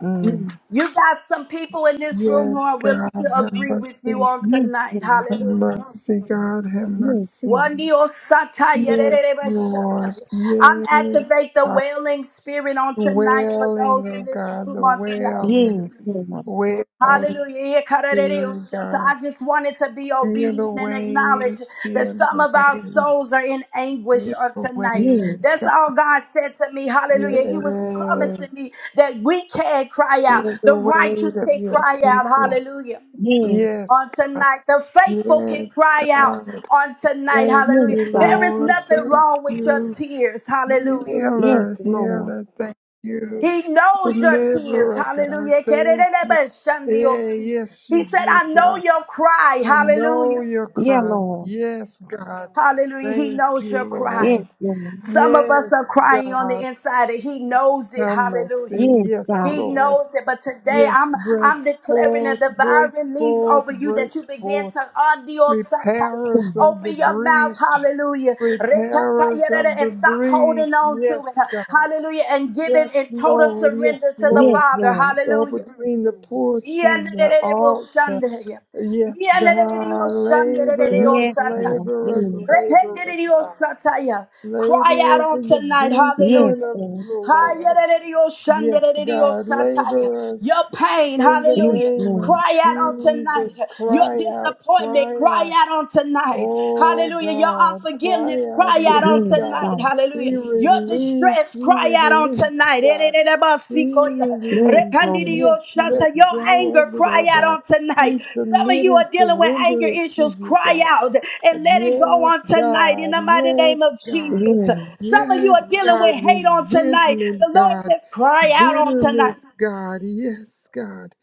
Mm. You got some people in this room who Yes, are willing God. to Have agree with you mercy. on tonight. Have Hallelujah. mercy, God. Have mercy. Wandio sataya, Yes, rerereba Lord. shataya. I'm Yes. activate the God, wailing spirit on the tonight for those wailing, oh in this God, room the on tonight. wailing, Hallelujah. wailing, Hallelujah. dear Yekarerereo shanta. God. I just wanted to be Feel obedient the and acknowledge weight, that feel some the of our weight, souls are in anguish feel on the tonight. Yes, weight, That's God. all God said to me. Hallelujah. He was promising Yes. me that we can cry out. Feel the The weight righteous of can your cry out. people. Hallelujah yes, Yes, on God. tonight. The faithful can Yes, cry out God. on tonight. Thank yes, Hallelujah. you, God. There is Lord. nothing Thank wrong with your you. tears. Hallelujah. Yes, Healer, Lord. healer, thank you. He knows your tears. Deliverer, God, Hallelujah. thank you. Yeah, yes, He you said, do, I know God. your cry. I know Hallelujah. your Yeah, cry. Lord. Yes, God. Hallelujah. He Thank knows your you, cry. Yes, Lord. Lord. Some of us Yes, are crying on the God. inside, and He knows it. Have Hallelujah. mercy. Yes, Yes, God. He Lord. knows it, but today Yes, I'm break I'm declaring a forth, divine break release forth, over you that break you begin forth. to undeal satire. Yes, Repairers of the Open your mouth, breach. hallelujah. Repairers Rekatayerere, of And the stop holding breach. on to Yes, it. God. Hallelujah. And give Yes, it in total Lord. surrender Yes, to the Lord. Father. Or Hallelujah. between the porch and the altar. Yanderereboshandere. Yes, God, laborers, Yanderereyoshanderereyosataya. Sataya! laborers, laborers, Rependererebo God. sataya. Cry out Laborers on in the tonight. vineyard Hallelujah. of the Lord. Hayererebo Yes, shandererebo God, Sataya! laborers Your pain, in the hallelujah. name of Cry out on Jesus. tonight. Your Cry out, disappointment, cry cry out. out on tonight. Oh Hallelujah. Your God, cry unforgiveness, out, cry out yes, on God. tonight. Hallelujah. We Your release, distress, we cry out on release, tonight. God. Your We release, yes, let go anger of it, oh cry out God. on tonight. We Some of submit you are and dealing with anger surrender it to issues. you, Cry God. out and let it go Yes, on tonight in God, the mighty yes, name of God, Jesus. Some of you are yes, dealing God. with hate on tonight. Resentment, The Lord God. says, cry out on tonight. Bitterness, God, yes, God.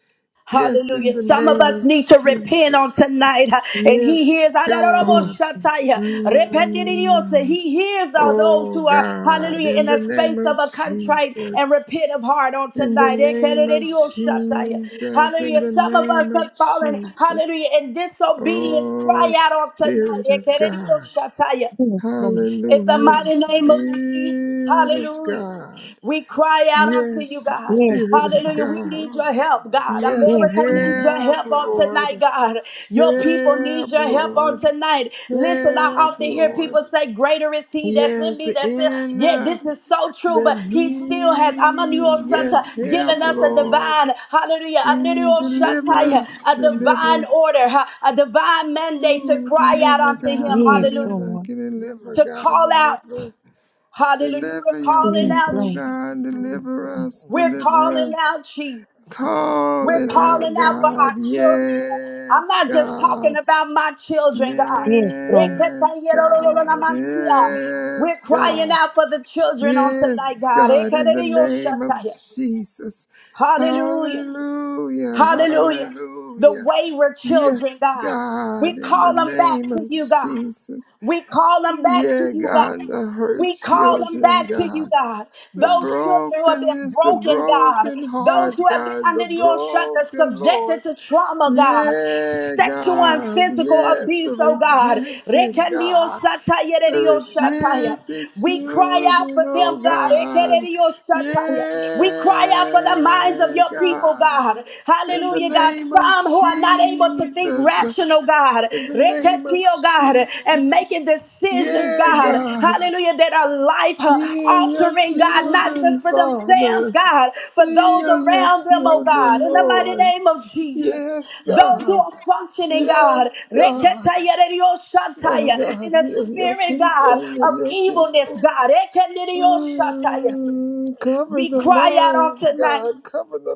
Yes, in Hallelujah. the Some of name us of need to repent on Jesus. tonight. huh, And he Yes, hears, God. Adaraboshatai, huh, rependidiose. Mm. he hears the, those Oh who are, God, hallelujah, in in a the name space of of a contrite and Jesus, repent of heart on in the tonight. name of Ekeredidioshatai. Jesus, in Hallelujah. the Some of us name of have fallen, Jesus. hallelujah, in disobedience. Oh Cry out on Spirit tonight. of God, Ekeredidioshatai. In the hallelujah, mighty name of Jesus. Spirit of Hallelujah. God. We cry out unto Yes, you, God. Spirit of Hallelujah. We God. need your help, God. Yes, America needs your help, help on Lord. tonight, God. Your people need Help, your help on Lord. tonight. Listen, I Help, often hear Lord. people say, Greater is he that's in Yes, me. That's it. in Yeah, this us. is so true, Then but he still has I'm a new he, Santa yes, help, given us a Lord. divine, hallelujah, Mm, Amanuel deliver Santa, us, a divine deliver. order, huh, a divine mandate to Ooh, cry out deliver, unto him. God, yes, Hallelujah deliver. Lord. Deliver, to God, call out. deliver. Hallelujah. Deliver We're your calling Yes, out people, Lord. Jesus. God, deliver us, We're deliver calling us. out Jesus. We're Calling out, calling out for God, our children. I'm yes, not just talking God. about my children, God. Yes, Lord. Yes, God. Rekatayerolololamansiyah. We're Yes, crying God. out for the children on tonight, Yes, God. God, in the name of Rekadadiyoshataya. Jesus. Hallelujah. Hallelujah, Hallelujah. The hallelujah. wayward children, Yes, God. We God, in the call them back name to of you, God. Jesus. We call them back to Yeah, you, God. God, the hurt We call them children, back to you, God. God. The Those children who have been brokenness, the broken, God. broken Those heart, who have been God, the under your shelter, broken Lord. subjected to trauma, God. Yeah, Sexual and God, physical yes, the abuse, oh God. rejected, God. They reject the Rekandiosatayerediosataya. rejected We cry out children, for oh them, God. God. Yeah, Rekandiosataya. We cry out for the minds of your people, God. God. In the Hallelujah, God. name of Some who are not able to think Jesus. rational, God. In the name of Rekatio, God, Jesus. and making decisions, Yeah, God. God. Hallelujah, that are life uh, Heal your altering, God, not just children, for themselves, Father. God, for those Heal your around them, oh God. children, In the mighty Lord. name of Jesus. Yes, Those who God. are functioning, Yes, God, God. Rekataya rerio My shataya, God, in the heal your spirit, people, God, heal of your evilness, people. God. Rekanirio shataya. Mm, cover We the cry out on minds, tonight. God. Cover the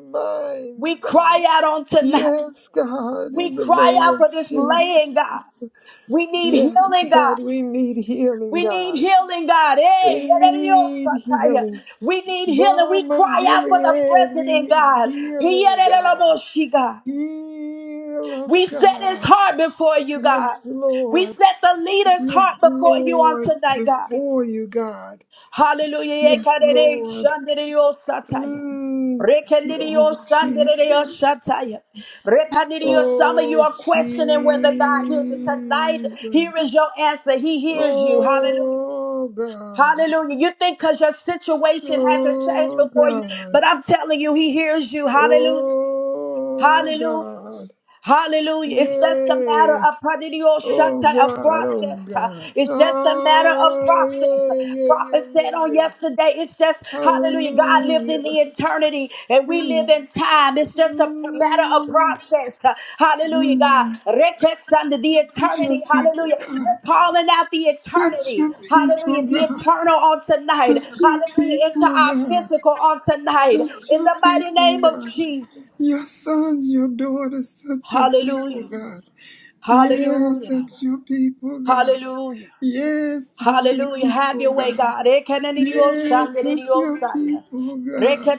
We minds, God. cry out on tonight. Yes, God, We in the cry name out of for this laying, God. Jesus. We need Yes, healing, God, God. we need healing, We need God. healing, God. We Hey, need yadadadiyosataya. healing. we need healing. We Balm of cry out for the Gilead, we president, need God. healing, God. Yadadadamoshi, God. Heal us, We set his God. heart before you, God. Yes, We Lord. set the leader's heart Yes, before you on Lord. tonight, God. Before you, God. Hallelujah. Yes, Yekadede Lord. shandadadiyosataya. Mm. Oh, Jesus. Rekandidiyosandadadiyoshataya. Repanidiyo- Some of you Oh, are questioning whether God hears you tonight. Here is Jesus. your answer. He hears you. Hallelujah. Oh, God. Hallelujah. You think because your situation hasn't changed Oh, before you, God. but I'm telling you, he hears you. Hallelujah. Oh, Hallelujah. God. Hallelujah. It's just a matter Yeah! of pradio- Oh, a God. Oh, process. uh, God. It's just a matter of Ah, process. yeah, yeah, yeah, Prophet said yeah, on yeah. yesterday, it's just, hallelujah, God lives in the Hallelujah. eternity and we live Mm, in time. It's just a matter of mm, process. uh, Hallelujah, God. mm. Rekets under the Put your eternity. people, Hallelujah. God. We're calling out the Touch eternity. your people, Hallelujah. The God. eternal on Touch tonight. your Hallelujah. Into people, our God. physical on tonight. Touch In your the mighty people, name of God. Jesus. Your sons, your daughters, touch your people, Hallelujah. God. Yes, Hallelujah. touch your people, God. Hallelujah. Yes, touch your Hallelujah. Have people, your way, God. God. Yes, touch your Ekenenirioshandiriosaya. people, God.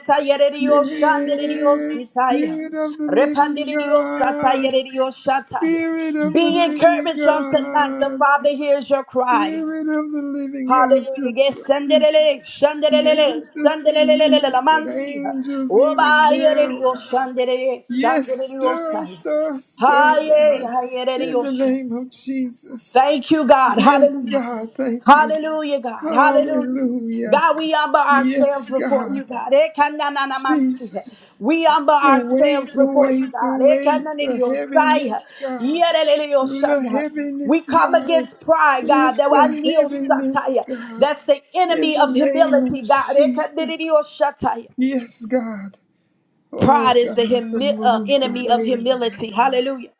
Yes, Spirit of the living God. Repandiriosatayererioshataya. Spirit of the Be living encouraged on tonight. The God. Father hears your cry. Spirit of the living God, Hallelujah. touch Yes, your. sandelele, shandelele, Ministers and sandelelelele, ministered lamansiha. angels even now, God. Obayererioshandirire, Yes, stir, sandiririosaya. stir, stir, Haye, God. In the hayereriosha. name of Jesus. Thank you, God. Yes, Hallelujah. God, thank you. Hallelujah, God. Hallelujah. Hallelujah. God, we humble ourselves Yes, before you, God. God. Ekanananamansi. Jesus. We humble The weight, ourselves the before you, weight, the God. weight, the heaviness, Ekananidiyosai. God. The Yereleleyosanda. We heaviness, come God. against pride, God. Lift That I the kneel heaviness, satire. God. That's the In enemy the of name of humility, God. Jesus. Ekananidiyoshatai. Yes, God. Oh Pride is the God, the humi- uh, move, the enemy of weight of humility. heaviness, Hallelujah.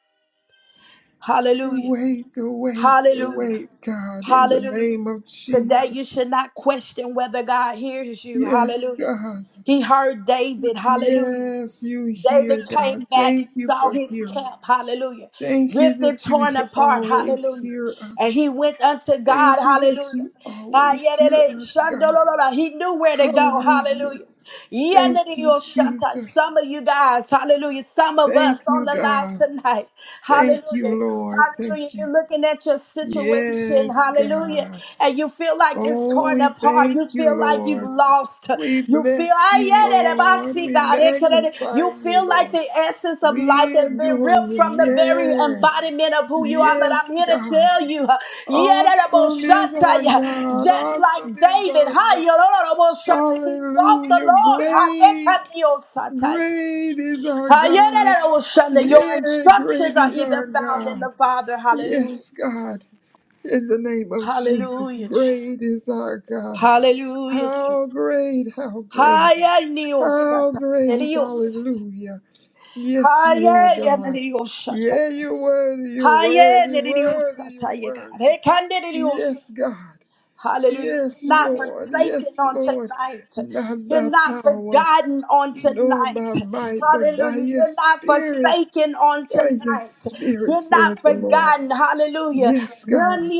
the Hallelujah. weight, the weight, the Hallelujah. weight, God, in the Hallelujah. name of Today, Jesus. you should not question whether God hears you. Yes, Hallelujah. God. He heard David. Hallelujah. Yes, you David hear, God. came back Thank and you saw for his hearing. camp. Hallelujah. Thank you Ripped and that you torn he- apart. always Hallelujah. hear And us. he went unto God. Thank you that Hallelujah. you Ah, always yeah, they- hear they- us, God. shandololola. He knew where to go. Hallelujah. Hallelujah. Yeah, Thank na- na- you, yo, shanta. Jesus. Some of you guys, hallelujah. Some of us Thank you, on the line God. tonight. Thank Hallelujah. you, Lord. Hallelujah. Thank you. You're looking at your situation. Yes, Hallelujah. God. And you feel like it's Oh, torn we apart. thank You you, feel like you've Lord. lost. We You feel, bless I you, get it. I Lord. see We God. It could- it- magnify You you, feel like Lord. the essence of life We has been adore ripped you. from the very Yeah. embodiment of who you are. But Yes, I'm here to God. tell you, yeah, that I'm on Awesome shut is to our you. God. just like Awesome is David, our hi, God. you know, that I'm on shut to- he sought the Hallelujah. Lord. hi, it can Great. be on shut to you. Great is our God. That your Yeah, great instructions are is our even found in God. the Father. Hallelujah. Yes, God. In the name of Jesus, Hallelujah. Jesus. great is our God. Hallelujah. Jesus. How great, how great, Haya how niosata. great, Niosata. hallelujah. Yes, you are Haya God. yananiosata. Yeah, you're worthy, you're Haya worthy, worthy, niosata. you're worthy. Yes, God. Hallelujah. Yes, You're not Lord. forsaken Yes, on Lord. tonight. Not You're by not power, forgotten on nor by tonight. might, but by Hallelujah. your You're not spirit. forsaken on By your tonight. spirit, You're not saith the Lord. forgotten. Hallelujah. Yes, God.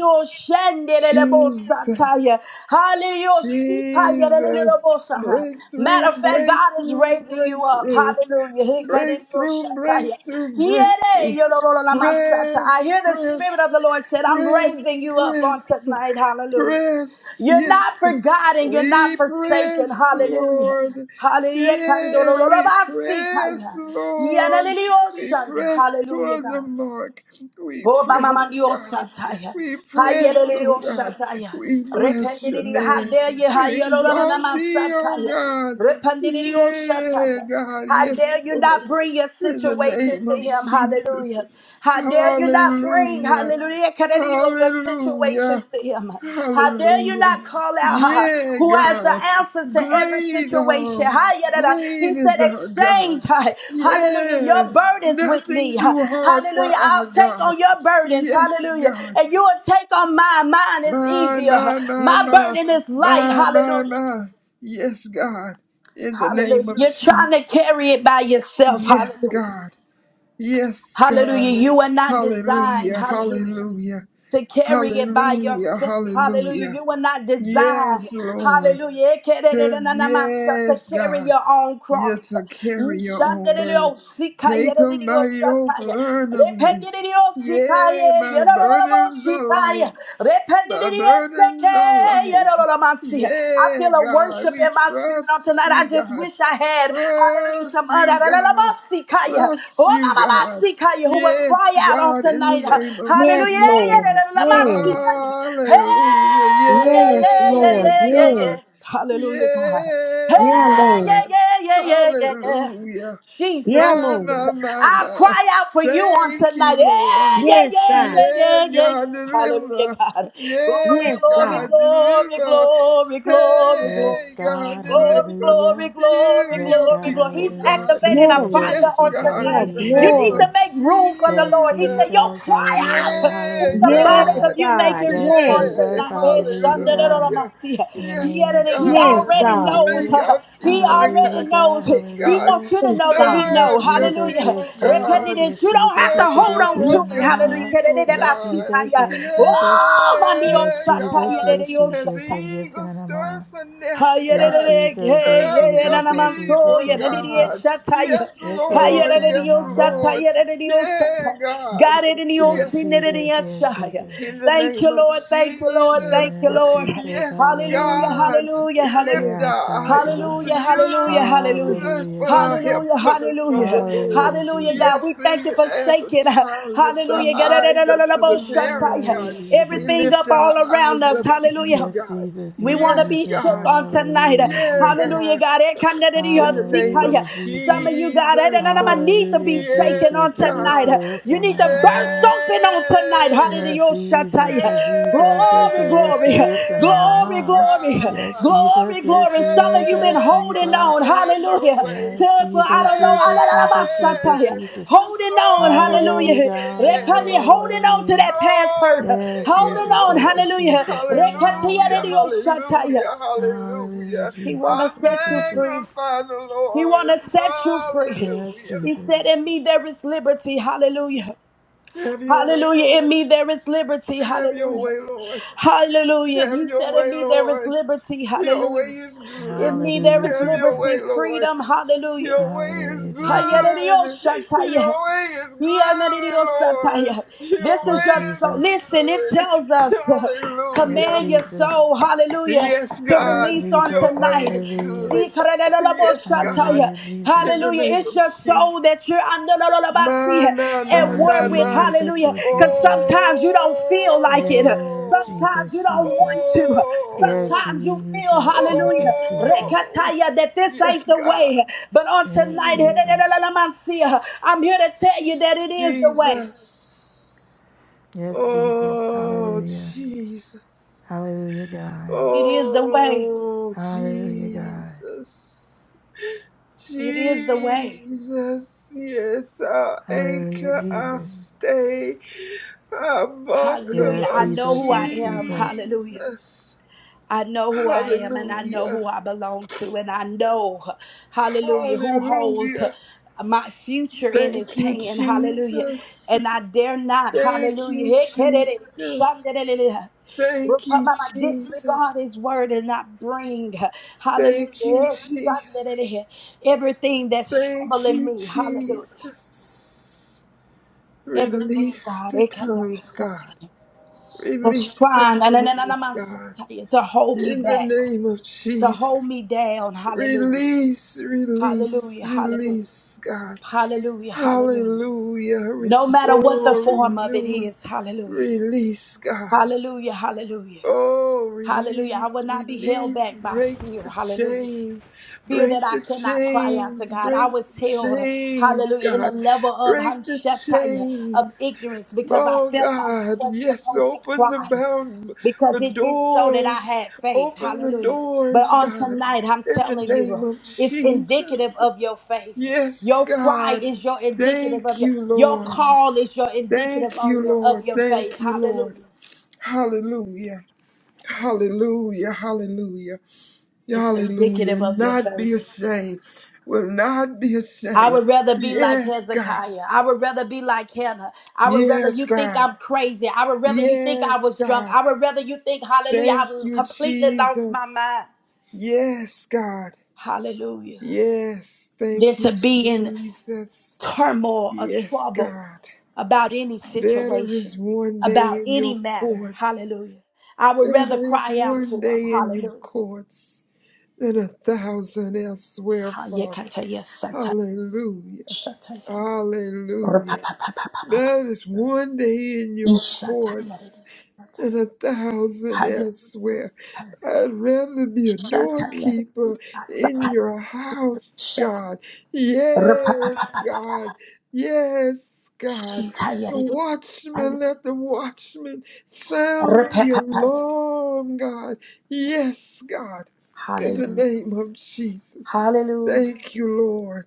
Jesus. Sataya. Hallelujah. Sikaya Jesus, lelelebosa. Matter breakthrough, of fact, God is breakthrough, raising you up. breakthrough, Hallelujah. Hikadidio breakthrough, shataya. breakthrough, Yere breakthrough. yolololamasata. I Press, hear the Spirit of press, the Lord said, I'm raising press, you up on press tonight. Hallelujah. press, You're not yes, forgotten. You're not we forsaken. press, Hallelujah. Lord. Hallelujah. Yeah, we press, Kandolololobasitaya. Lord. We Yanalilioshanda. press Hallelujah, toward the God. mark. We Oh, press, Bamamandio God. Sataya. We press, oh Hayelio God. Sataya. We bless your Repentidi, how name. dare you, We exalt Hayelonanaman thee, oh Sataya. God. Repentidio Yeah, Sataya. God. How Yes, dare you Lord. not bring your In the situations name to of him? Jesus. Hallelujah. How dare you not bring, Hallelujah. hallelujah, Kadadidio, your Hallelujah. situations to him? him. How dare you Hallelujah. not call out uh, Yeah, who has the God. answer to every Great situation? are, Hallelujah. He great said, is our Exchange, God. Hi. hallelujah, Yeah, your burdens with nothing me. Hi. too hard for Hallelujah. our I'll take God. on your burdens, Yes, hallelujah, God. and you will take on mine. Mine is My, easier, my, my, my my, burden is light, my, my, hallelujah. my. Yes, God. In the name Hallelujah. of You're trying to Jesus. carry it by yourself, Yes, hallelujah. God. Yes, Hallelujah. God. You are not designed. Hallelujah, Hallelujah. hallelujah, to carry it by hallelujah, yourself. Hallelujah. hallelujah. You were not designed. Yes, Lord. Hallelujah. Says, To yes, carry God, your own you cross. shall carry your own burdens. Take of my yoke, learn of me. Yea, my burdens are light, my burdens are light. I Yeah, feel a God, worship we in my spirit on trust tonight. I you, just God. wish I had, hallelujah, Trust some you, other. God. Trust you, God. Lamansikaya, who will Yes, cry out on God, in the tonight. name of Hallelujah. Jesus. Lamansikaya. Hey, Hallelujah. yeah, yeah, yeah, Yes, yeah, yeah, God. yeah. Hallelujah, God. Hey, Yeah, yeah, God. yeah, yeah, yeah, yeah, yeah. Hallelujah. Jesus, My, Jesus. my, my, I my. cry out for you on Thank tonight. you, Yeah, Lord. yeah, yeah, yeah, Yeah, yeah, yeah, God, yeah. deliver. Hallelujah, God. Glory, Yeah, glory, God, glory, deliver. glory, glory, glory, glory. Yes, Hey, God, God, Glory, deliver glory, hallelujah. glory, you, Yes, your glory, God, glory. people, He's hallelujah. God. activating a Jesus, fire Yes, on Jesus, God, Yeah, in tonight. the hallelujah, You name need glory. to of God. make room for the Yes, Lord. He said, Jesus. Yo, Jesus, cry out. hallelujah, Yeah, It's hallelujah, Yes, symbolic of God. God. you God. making Yes, room Yes, on Yeah, Jesus, tonight. Eh, hallelujah, God. hallelujah. shandaroramasia. In the Yes, name Yet of it- He yes, God. Jesus, already God. knows. Make hallelujah, our feet He like hallelujah, already hands God, knows. feet, He God. hallelujah. wants you to know that He God. Stir Yes, up knows. your Jesus, Hallelujah. people, yes, Jesus, God. Repentance. yes, You don't have Jesus, Yes, to hold Stir on Yes. to up it. your Hallelujah. yekereskenanama. people, yes, God. Jesus, Kererebasikaya. yes, Yeah, Jesus. Oh, Yes, Jesus, God. yes, As the Jesus, oh my eagle yes, stirs the nest, Yes, God, Hayerere Jesus, stir yes, up ye your na Jesus, na oh manso Jesus, people, ye oh na niye Jesus. God. shataya. Yes, Yes, get it, yes, Lord. get Hayerere na Yes, yo na ma. Lord. sataya yerere yo Yeah, sataya. God. God in yo Yes, Yes. sinere Jesus, yes, shaya. Jesus. In the Thank name you, of Lord. Thank you, Lord. Thank Jesus, you, Yes, Lord. Jesus, yes, Hallelujah. hallelujah. God, we Hallelujah. Hear lift our Hallelujah. our cry, eyes unto God. Hallelujah. Hallelujah. you. Hallelujah. That's Hallelujah, for our Jesus. help Hallelujah, cometh from the hallelujah, Lord. Hallelujah, hallelujah, God. Jesus. We Yes, thank you even for as a shaking, child lifts our hallelujah, eyes up to the parent, God, Hallelujah, we everything Jesus. lift up all our around eyes us, up to you, hallelujah. Yes, God. Jesus, We yes, want to Yes, be Jesus. shook God. on tonight. Hallelujah, Yeah, Jesus. Hallelujah, God. God. In the name of Ekanadidiosikaya. Hallelujah, Some of Jesus. you, God, Jesus. I need to be Hallelujah, shaken Yes, on Jesus. Yeah, let's tonight. get God. it, let's You get need to burst open on tonight. Yeah. Yes, Yes, Jesus, Hallelujah. uh, Jesus, yes, Glory, it is, it glory, is, glory, Kananama. glory, Yes, God. Glory, Jesus, yes, glory. Some of you been Jesus, Yeah, holding Jesus. on. God, have your Hallelujah. way. Yes, Tell for I Yeah. Jesus, don't know. I don't Jesus, know about Jesus, Jesus, Shataya. Jesus. Holding on. So Hallelujah, Hallelujah. say God, yeah, Repani, Lord. holding on to hallelujah. that past So hurt. Yes, say yeah, Holding Jesus, on. Lord. Jesus, Hallelujah. Jesus, oh, Rekatiya de Hallelujah, hallelujah. Dios Shataya. hallelujah, Hallelujah, hallelujah. He Jesus, I wanna uh, set you free. Jesus. magnify the He wanna Lord. set you free. Yes, Hallelujah. He Jesus. said, In me there is liberty. Hallelujah. Have your way, Hallelujah. In Lord. me there is liberty. Have your Hallelujah. way, Lord. Hallelujah. Have He your said, In way, me there is Lord. liberty. Your way Hallelujah. is Give good. me there Hallelujah, is Have your way, Jesus. liberty, Lord. freedom, hallelujah. Your way is Hallelujah, Jesus. good. Hayaradioshataya. Your way is good, Lord. Hiyanadidioshataya. Your This is Yes, way your is soul. Jesus. Listen, it good. tells us, uh, Yes, Hallelujah. command your Jesus. soul, hallelujah, Yes, to Yes, God. release on Jesus. Your way tonight. is Hallelujah. good. Yes, God. Sikaradadadaboshataya. Hallelujah, In Jesus. the Hallelujah. name It's of your soul Jesus. that you're under My, my, at my, Ah, my, war with. my. Jesus, Hallelujah. Lord Because Jesus. sometimes you don't feel like it. Yes, Oh. Sometimes Jesus, you don't want Jesus. to. Yes, Oh. Sometimes you feel, Jesus, hallelujah, Jesus, Jesus. Oh. rekataya, that this ain't Yes, the God. way. But on Yes, tonight, Mm. Jesus. I'm here to tell you that it is the way. Jesus. Yes, Jesus. Oh, Hallelujah. Jesus. Hallelujah, God. It is the way. Oh, Hallelujah, God. Jesus. It is the way. Jesus. Yes, our Hallelujah, anchor, our Jesus. stay, our Hallelujah. Yes, I buckler, know Jesus. who I Yes, am. Jesus. Hallelujah. Jesus. I know who I am and I know Hallelujah. who I belong to, and I know, hallelujah, who holds Hallelujah. my future in his Thank you, hand, hallelujah. Jesus. And I dare not, Thank hallelujah, you, hey, kerere, Jesus. shanderere, Thank you, Rupamama, Jesus. disregard his word and not bring, hallelujah, Thank you, yes, Jesus. sanderere, everything that's Thank troubling you, me, hallelujah. Jesus. Everything, Release God, the it can never tongues, God. that's Release the trying na- na- na- na- na- tongues, my God. satire, to hold me In the back name of to Jesus. hold me down. Hallelujah. Release, release, Hallelujah. Hallelujah. release, God. Hallelujah. Hallelujah. Hallelujah. No matter what the Restore, form of it renew, is. Hallelujah. release, God. Hallelujah. Hallelujah. Oh, Hallelujah. I will release, not be held release, back by break fear. the Hallelujah. chains, Fear that break I the cannot cry out to chains, God. I break was the held, chains, hallelujah, in a God, level of break the Hanshataya, of chains. ignorance because I Oh, felt like I God, wasn't yes, supposed to open the cry. bound, because the it did show that I doors, had faith. open the Hallelujah. But doors, on God, tonight, I'm in the telling name you, of it's indicative Jesus. of your faith. Yes, Your cry God, is your indicative of thank your you, your Lord. call is your indicative Thank you, on your of Lord. your Thank faith. you, Lord. Hallelujah. Hallelujah. Hallelujah, hallelujah, It's hallelujah. indicative of your Not faith. be ashamed, will not be I ashamed. would rather be like Yes, God. Hezekiah. I would rather be like Hannah. I would rather Yes, you think God. I'm crazy. I would rather you think I Yes, was drunk. God. I would rather you think, hallelujah, Thank I've you, completely lost my Jesus. mind. Yes, God. Hallelujah. Yes, Than thank to you, be in Jesus. turmoil or Yes, trouble God. about any Better is situation, one day about in your any matter. courts. Hallelujah. I would Better rather is cry out to one him. day in your Hallelujah. courts than a thousand elsewhere, Father. Hayekataya sata- Hallelujah. shataya. Hallelujah. Rapapapapapapa. That is one day in your Ishataya courts rediyo and sataya. a thousand Hayekataya elsewhere. I'd rather be a shataya doorkeeper rediyo in asakaya. your house, Shat- God. Yes, God. Rapapapapapapa. Yes, God. Shitaya The rediyo watchman, sataya. let the watchman sound the Rapapapaya. alarm, God. Yes, God. In the Hallelujah. name of Jesus. Hallelujah. Thank you, Lord.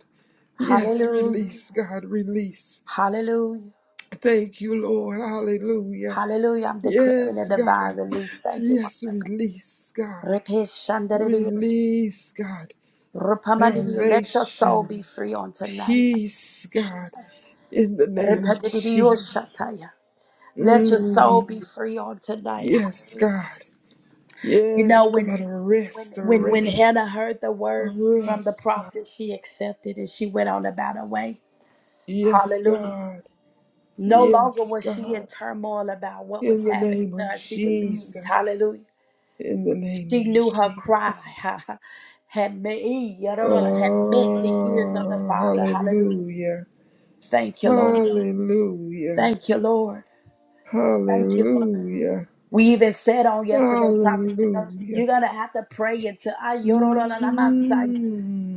Yes, Hallelujah. release, God, release. Hallelujah. Thank you, Lord. Hallelujah. Hallelujah. I'm declaring Yes, a divine God. release. Thank you, Yes, Father God. release, God. Repeat shandaririos. Release, God. Rupamandirio. Let your soul Salvation, be free on tonight. peace, God, in the name of Repetidios Jesus. shataya. Let your soul Mm. be free on tonight. Yes, Hallelujah. God. You Yes, know, when God. it when, Arrest, when when arrest, Hannah heard the word from the arrest, God. prophet, she accepted and she went on about her way. Yes, Hallelujah. God. No longer Yes, was she in God. turmoil about what In was the happening name to of her. She believed. Jesus. Hallelujah. In the name of She knew her Jesus. cry had made, had met the ears of the Oh, Father. Hallelujah. hallelujah. Thank you, Lord. Hallelujah. Thank you, Lord. Thank you, Lord. Hallelujah. We even said on yesterday, prophet said, Hallelujah. you're going to have to pray until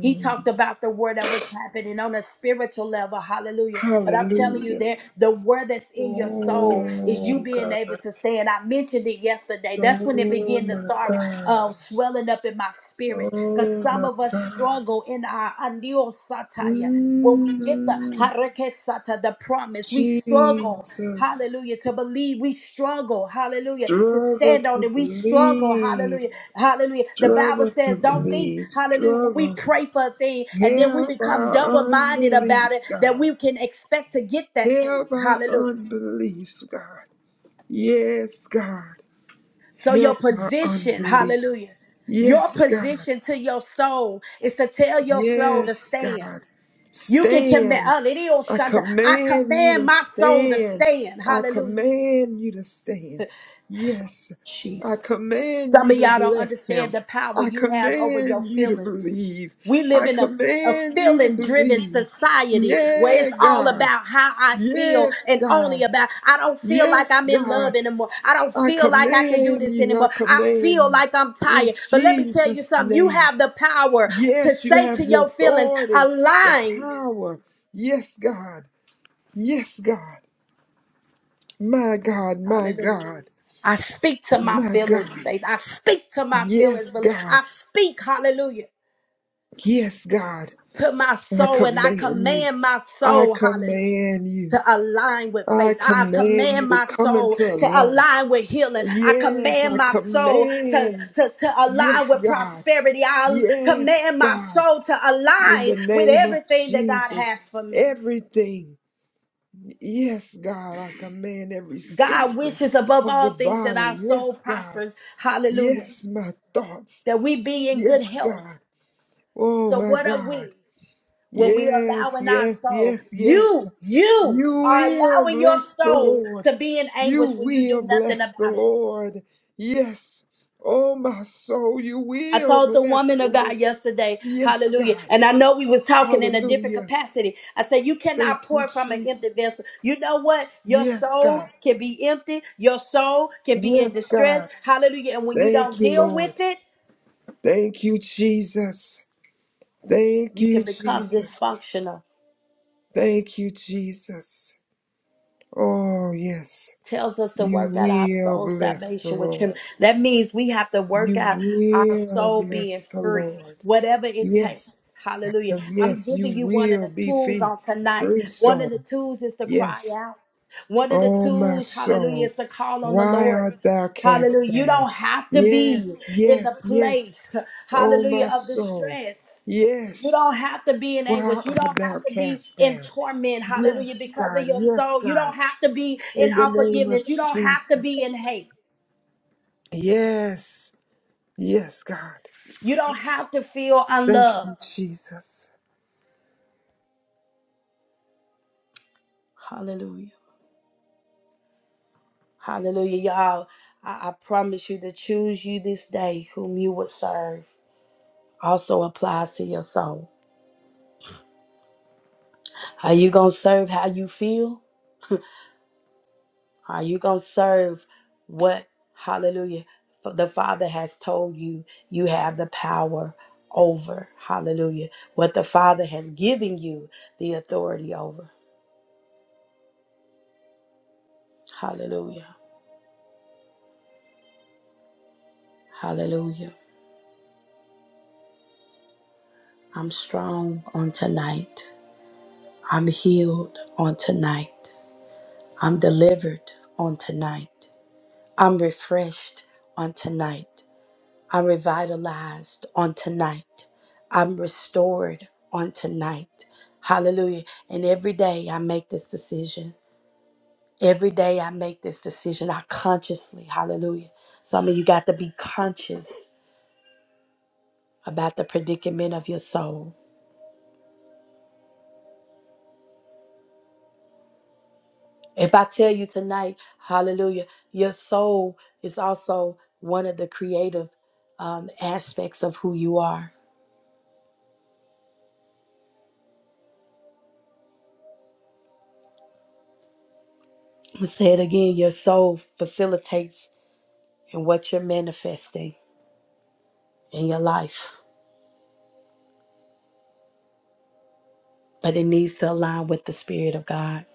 he talked about the word that was happening on a spiritual level. Hallelujah. But I'm telling you, Hallelujah. there the word that's in your soul is you Oh, being God. able to stand. I mentioned it yesterday. That's when it Oh, began to my start God. um, swelling up in my spirit. Because Oh, some my of us God. struggle in our andio satire. When we get the Mm. harake sata, the promise, we struggle. Jesus. Hallelujah. To believe we struggle. Hallelujah. To Struggle stand to on it. We struggle. believe. Hallelujah. Hallelujah. The Bible Struggle to says, don't think, believe. hallelujah, when we Struggle. pray for a thing and then we Help become double our minded about unbelief, it, that God. we can expect to get that Help thing. our Hallelujah. unbelief, God. Yes, God. So your Help our position, unbelief. hallelujah, your Yes, God. position to your soul is to tell your soul to Yes, stand. God. You can command, Stand. I I command you command to my soul to stand. stand. I Hallelujah. command you to stand. Yes. I command Some you of to y'all don't bless understand him. the power I you have over your command you to feelings. believe. We I live in a, a command you to feeling driven believe. society where Yeah, it's all God. about how I feel Yes, and only God. about I don't feel like Yes, I'm in love God. anymore. I don't I feel like I can do command this you. I anymore. I command feel you. like I'm In tired. But let me tell you Jesus' something you name. have the power to Yes, you say to have the your feelings, authority, the align. power. Yes, God. Yes, God. My God, my Hallelujah. God, I speak to my my feelings, God. faith. I speak to my feelings, Yes, belief. God. I speak, hallelujah. Yes, God. to my I soul and I command you. command my I soul, hallelujah. command you. To align with I faith. I command you command to my come soul into to alignment. align with healing. I Yes, command I my soul to, command. to, to align Yes, with God. prosperity. I Yes, command my God. soul to In align the with name of everything that God Jesus, has for me. everything. Yes, God. I command every God system wishes above of all the things that body. our soul Yes, God. prospers. Hallelujah. Yes, my thoughts. That we be in good Yes, health. God. Oh, So my what are God. we? when we allow Yes, in our yes, soul yes, yes. you you You are will allowing your bless the soul Lord. to be in You anguish when you do will nothing bless the about it Lord. Yes. Oh, my soul, you i will told the bless woman the of Lord. god yesterday Yes, hallelujah God. and i know we was talking in a different Hallelujah. capacity i said you cannot Thank you, pour from an empty Jesus. vessel you know what your Yes, soul God. can be empty your soul can be in Yes, distress God. hallelujah and when you Thank don't you, deal with Lord. it Thank you, Jesus. Thank you you, can become Jesus. dysfunctional Thank you, Jesus. Oh, yes. tells us to You work out our will soul bless the salvation with him. Lord. That means we have to work You out our will soul bless being the free, Lord. whatever it takes. Yes. Hallelujah. Because, I'm yes, giving you you one of will the be tools free. on tonight. Free One of soul. the tools is to cry Yes. out. One of the O my tools, hallelujah, soul, is to call on the why Lord. art thou cast Hallelujah. You down? don't have to be Yes, in yes, the yes, place, O hallelujah, my of soul, distress. You yes, don't have to be in why anguish. You art don't have thou to be cast in down? torment. Hallelujah. Yes, Because of God, your yes, soul. You God, don't have to be in in the name of unforgiveness. You don't have to Jesus. be in hate. Yes, yes, God. You don't have to feel Thank unloved. you, Jesus. Hallelujah. Hallelujah. Y'all, I, I promise you to choose you this day whom you would serve also applies to your soul. Are you going to serve how you feel? Are you going to serve what, hallelujah, f- the Father has told you you have the power over? Hallelujah. What the Father has given you the authority over. Hallelujah. Hallelujah. I'm strong on tonight. I'm healed on tonight. I'm delivered on tonight. I'm refreshed on tonight. I'm revitalized on tonight. I'm restored on tonight. Hallelujah. And every day I make this decision. Every day I make this decision. I consciously, hallelujah. Some of you got to be conscious about the predicament of your soul. If I tell you tonight, hallelujah, your soul is also one of the creative um, aspects of who you are. I'll say it again your soul facilitates in what you're manifesting. in your life, but it needs to align with the Spirit of God.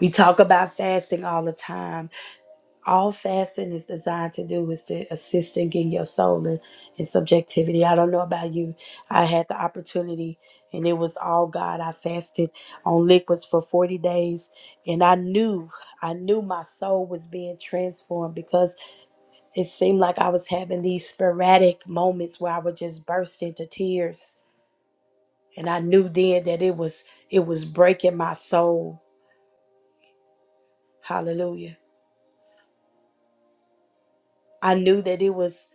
We talk about fasting all the time. All fasting is designed to do is to assist in getting your soul in, in subjectivity. I don't know about you. I had the opportunity, and it was all God. I fasted on liquids for 40 days, and I knew, I knew my soul was being transformed because it seemed like I was having these sporadic moments where I would just burst into tears And I knew then that it was it was breaking my soul. Hallelujah. I knew that it was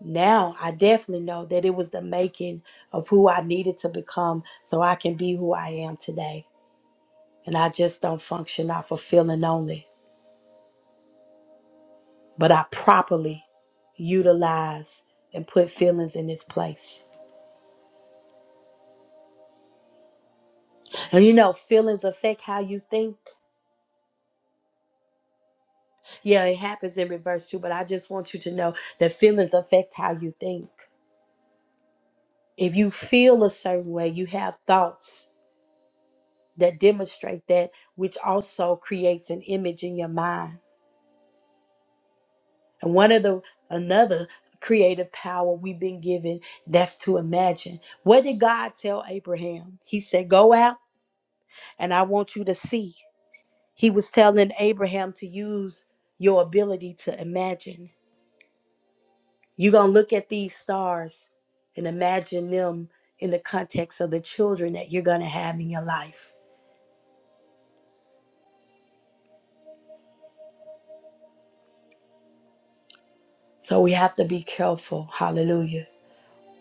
now I definitely know that it was the making of who I needed to become so I can be who I am today. And I just don't function off of feeling only, but I properly utilize and put feelings in its place. And you know, feelings affect how you think. Yeah, it happens in reverse too, but I just want you to know that feelings affect how you think. If you feel a certain way, you have thoughts that demonstrate that, which also creates an image in your mind. And one of the another creative power we've been given that's to imagine. What did God tell Abraham? He said, Go out and I want you to see. He was telling Abraham to use your ability to imagine. You're going to look at these stars and imagine them in the context of the children that you're going to have in your life So we have to be careful, hallelujah,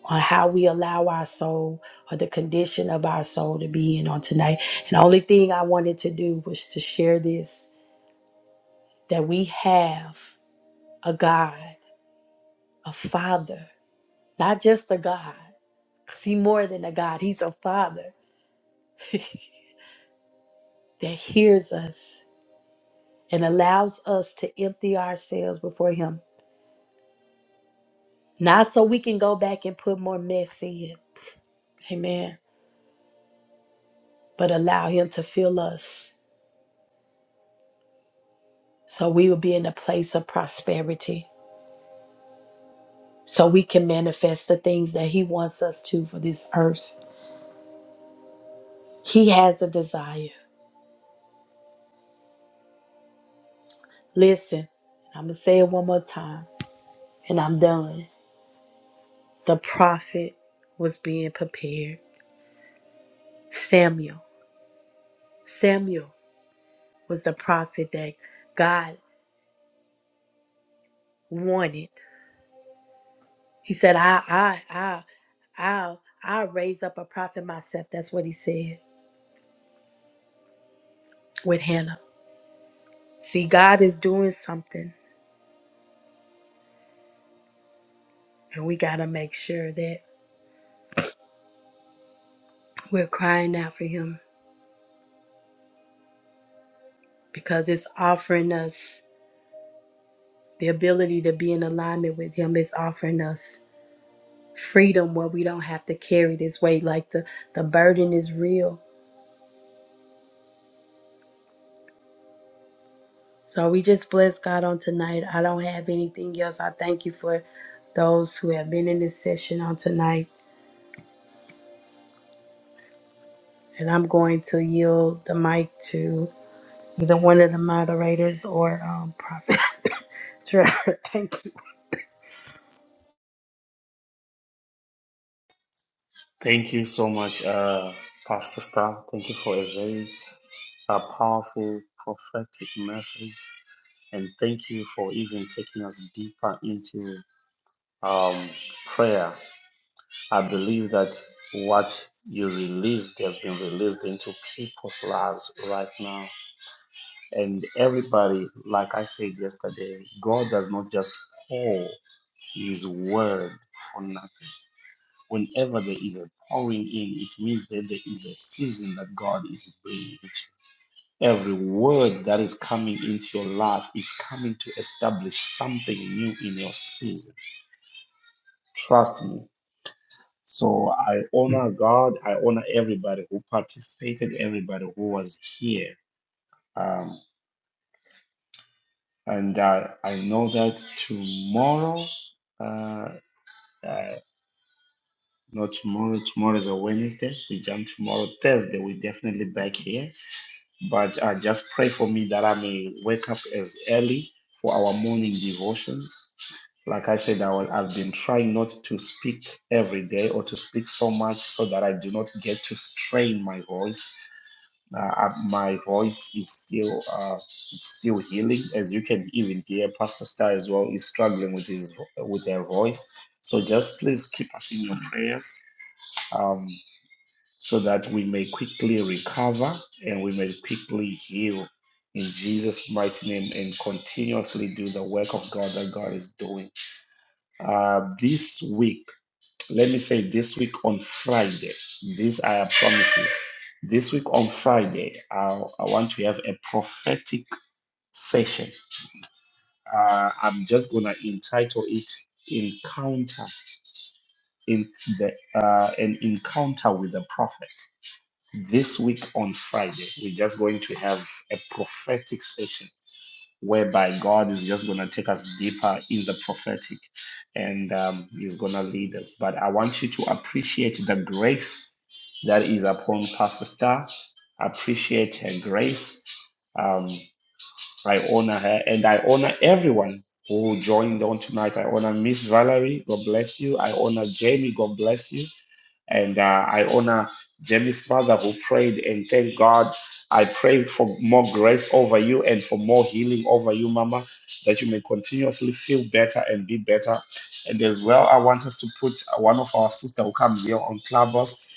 on how we allow our soul or the condition of our soul to be in on tonight. And the only thing I wanted to do was to share this that we have a God, a Father, not just a God, because He's more than a God, He's a Father that hears us and allows us to empty ourselves before Him. Not so we can go back and put more mess in. Amen. But allow Him to fill us So we will be in a place of prosperity. So we can manifest the things that He wants us to for this earth. He has a desire. Listen, I'm going to say it one more time and I'm done. The prophet was being prepared. Samuel. Samuel was the prophet that God wanted. He said, I, I, I, I'll, I'll raise up a prophet myself. That's what he said with Hannah. See, God is doing something. And we got to make sure that we're crying out for Him because it's offering us the ability to be in alignment with Him. It's offering us freedom where we don't have to carry this weight. Like the, the burden is real. So we just bless God on tonight. I don't have anything else. I thank you for those who have been in this session on tonight. And I'm going to yield the mic to either one of the moderators or um, Prophet. Trevor. thank you. Thank you so much, uh, Pastor Star. Thank you for a very uh, powerful prophetic message. And thank you for even taking us deeper into um, prayer. I believe that what you released has been released into people's lives right now And everybody, like I said yesterday, God does not just pour His word for nothing. Whenever there is a pouring in, it means that there is a season that God is bringing to. you. Every word that is coming into your life is coming to establish something new in your season. Trust me. So I honor God. I honor everybody who participated, everybody who was here. Um. and I, I know that tomorrow, uh, uh, not tomorrow, tomorrow is a Wednesday. We jump tomorrow, Thursday. we definitely back here. But uh, just pray for me that I may wake up as early for our morning devotions. Like I said, I will, I've been trying not to speak every day or to speak so much so that I do not get to strain my voice Uh, uh, my voice is still uh, it's still healing, as you can even hear. Pastor Star as well is struggling with his with her voice. So just please keep us in your prayers, um, so that we may quickly recover and we may quickly heal in Jesus' mighty name and continuously do the work of God that God is doing. Uh, this week let me say this week on Friday, this I am promising. This week on Friday, I, I want to have a prophetic session. Uh, I'm just gonna entitle it "Encounter in the uh, an encounter with the prophet." This week on Friday, we're just going to have a prophetic session whereby God is just going to take us deeper in the prophetic and um, He's going to lead us. But I want you to appreciate the grace that is upon Pastor Star. Appreciate her grace. Um, I honor her and I honor everyone who joined on tonight. I honor Miss Valerie. God bless you. I honor Jamie. God bless you. And uh, I honor Jamie's mother who prayed and thank God. I pray for more grace over you and for more healing over you, Mama, that you may continuously feel better and be better. And as well, I want us to put one of our sister who comes here on Clubhouse.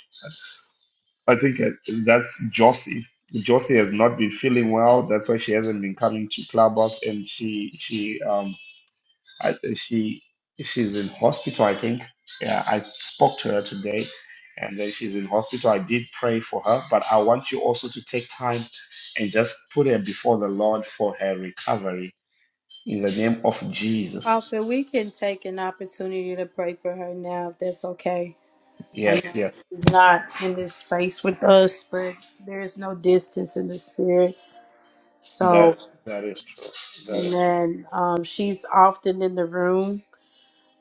I think uh, that's Josie. Josie has not been feeling well. That's why she hasn't been coming to Clubhouse, and she she um I, she she's in hospital, I think. Yeah, I spoke to her today, and then she's in hospital. I did pray for her, but I want you also to take time and just put her before the Lord for her recovery in the name of Jesus. Prophet, we can take an opportunity to pray for her now, if that's okay. I Yes, know yes, she's not in this space with us, but there is no distance in the spirit. So, that that is true. That is true. amen. Um, she's often in the room,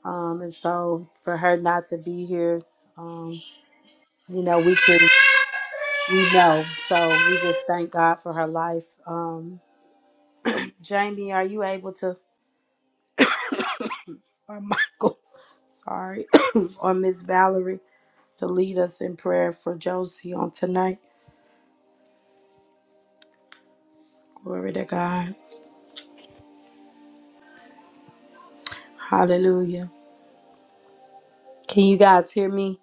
um, and so for her not to be here, um, you know, we can we know. So we just thank God for her life. Um, Jamie, are you able to, or Michael? Sorry, or Miss Valerie? to lead us in prayer for Josie on tonight. Glory to God. Hallelujah. Can you guys hear me?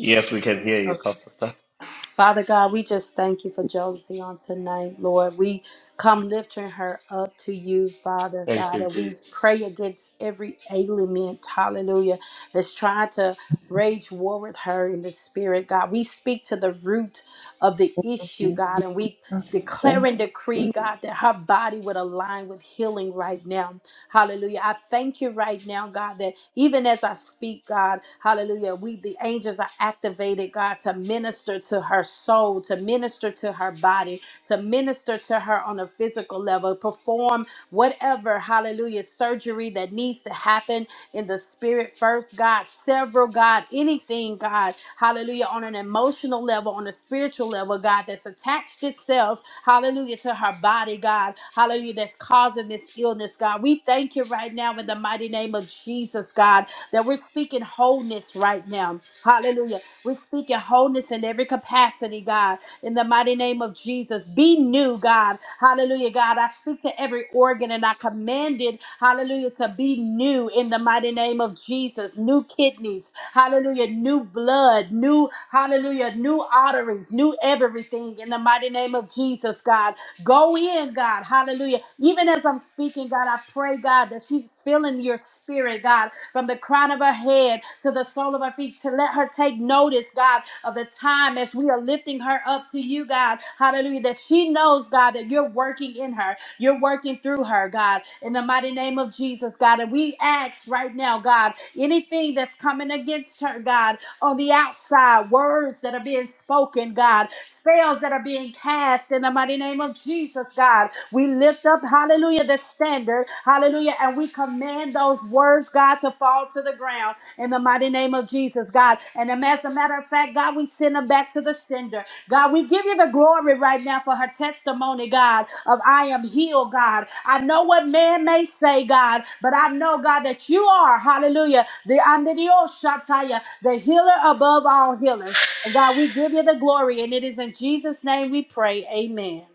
Yes, we can hear you, Okay. Pastor. Star. Father God, we just thank you for Josie on tonight, Lord. We come lifting her up to you, Father Thank God, you, and we pray Jesus. against every ailment, hallelujah, that's trying to rage war with her in the spirit, God. We speak to the root of the issue, God, and we Yes, thank declare you. and decree, God, that her body would align with healing right now. Hallelujah. I thank you right now, God, that even as I speak, God, hallelujah, we, the angels, are activated, God, to minister to her soul, to minister to her body, to minister to her on a physical level, perform whatever, hallelujah, surgery that needs to happen in the spirit first, God, several, God, anything, God, hallelujah, on an emotional level, on a spiritual level, God, that's attached itself, hallelujah, to her body, God, hallelujah, that's causing this illness, God. We thank you right now in the mighty name of Jesus, God, that we're speaking wholeness right now. Hallelujah. We're speaking wholeness in every capacity, God in the mighty name of Jesus. Be new, God. Hallelujah, God. I speak to every organ and I command it, hallelujah, to be new in the mighty name of Jesus. New kidneys, hallelujah, new blood, new, hallelujah, new arteries, new everything in the mighty name of Jesus, God. Go in, God. Hallelujah. Even as I'm speaking, God, I pray, God, that she's feeling your spirit, God from the crown of her head to the sole of her feet to let her take notice, God, of the time as we are lifting her up to you, God. Hallelujah. That she knows, God, that you're working in her. You're working through her, God, in the mighty name of Jesus, God. And we ask right now, God, anything that's coming against her, God, on the outside, words that are being spoken, God, spells that are being cast in the mighty name of Jesus, God. We lift up, hallelujah, the standard, hallelujah, and we command those words, God, to fall to the ground in the mighty name of Jesus, God. And um, as a matter of fact, God, we send them back to the sender. God, we give you the glory right now for her testimony, God, of I am healed, God. I know what man may say, God, but I know, God, that you are, hallelujah, the under the old Shataya, the healer above all healers. And God, we give you the glory, and it is in Jesus' name we pray. Amen.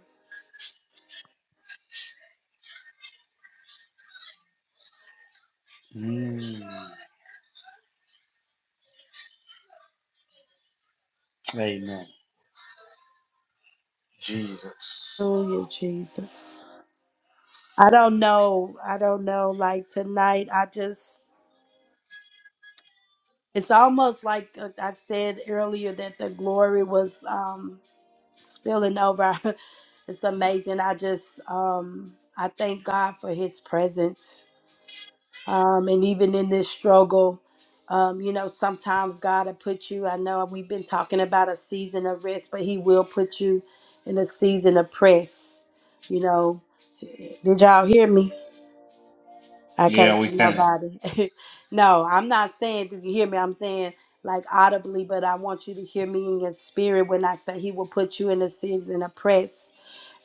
Mm, amen. Jesus. Hallelujah, Jesus. I don't know. I don't know. Like tonight, I just, it's almost like uh, I said earlier that the glory was um, spilling over. it's amazing. I just, um, I thank God for his presence. Um, and even in this struggle, um, you know, sometimes God will put you, I know we've been talking about a season of rest, but he will put you in a season of press, you know. Did y'all hear me? I Yeah, can't we see can. nobody. no, I'm not saying, do you hear me? I'm saying like audibly, but I want you to hear me in your spirit when I say he will put you in a season of press.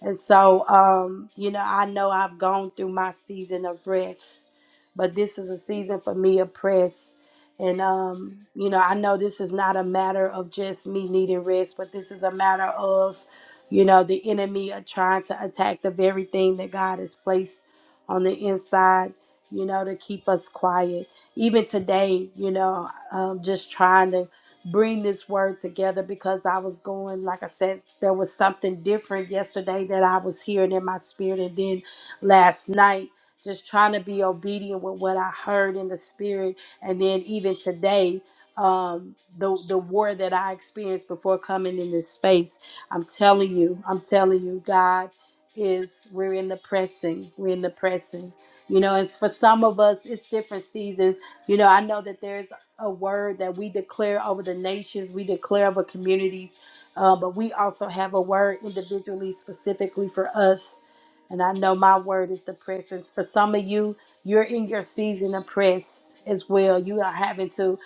And so, um, you know, I know I've gone through my season of rest, but this is a season for me of press. And, um, you know, I know this is not a matter of just me needing rest, but this is a matter of, you know, the enemy are trying to attack the very thing that God has placed on the inside, you know, to keep us quiet. Even today, you know, um, just trying to bring this word together because I was going, like I said, there was something different yesterday that I was hearing in my spirit. And then last night, just trying to be obedient with what I heard in the spirit. And then even today, um, the, the war that I experienced before coming in this space, I'm telling you, I'm telling you, God is, we're in the pressing, we're in the pressing. You know, it's for some of us, it's different seasons. You know, I know that there's a word that we declare over the nations, we declare over communities, uh, but we also have a word individually, specifically for us. And I know my word is the presence. For some of you, you're in your season of press as well. You are having to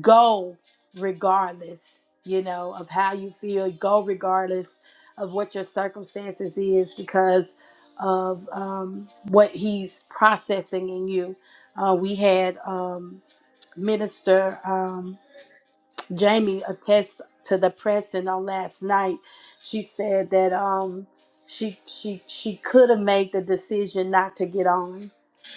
go regardless, you know, of how you feel, go regardless of what your circumstances is because of um, what he's processing in you. Uh, we had. Um, Minister. Um, Jamie attests to the pressing on last night. She said that um she she she could have made the decision not to get on,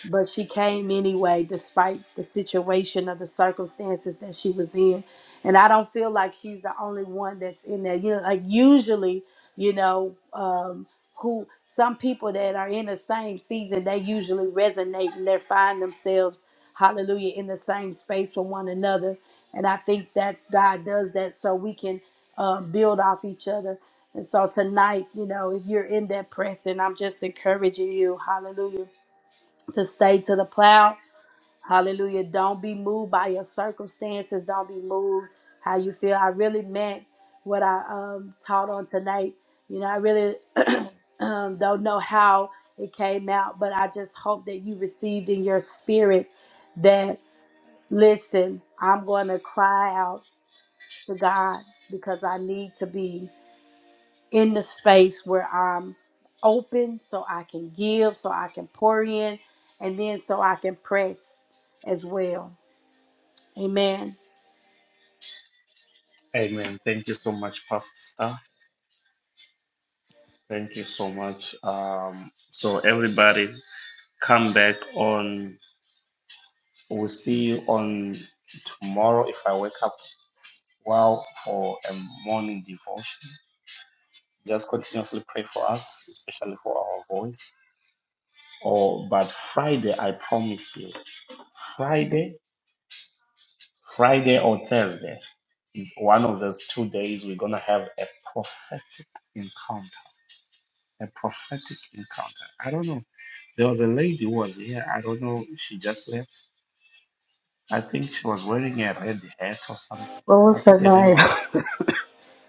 but she came anyway despite the situation or the circumstances that she was in. And I don't feel like she's the only one that's in there. You know, like usually, you know, um who some people that are in the same season, they usually resonate and they find themselves, hallelujah, in the same space with one another and I think that God does that so we can uh, build off each other. And so tonight, you know, if you're in that pressing, I'm just encouraging you, hallelujah, to stay to the plow. Hallelujah. Don't be moved by your circumstances. Don't be moved how you feel. I really meant what I um, taught on tonight. You know, I really um, don't know how it came out, but I just hope that you received in your spirit that, listen, I'm going to cry out to God because I need to be in the space where I'm open so I can give, so I can pour in, and then so I can press as well. Amen. Amen. Thank you so much, Pastor Star. Thank you so much. Um, so everybody, come back on. We'll see you on tomorrow if I wake up well for a morning devotion. Just continuously pray for us, especially for our voice. Or but Friday, I promise you, Friday, Friday or Thursday is one of those two days we're gonna have a prophetic encounter. A prophetic encounter. I don't know There was a lady who was here. I don't know. She just left. I think she was wearing a red hat or something. What I was think her her name name? was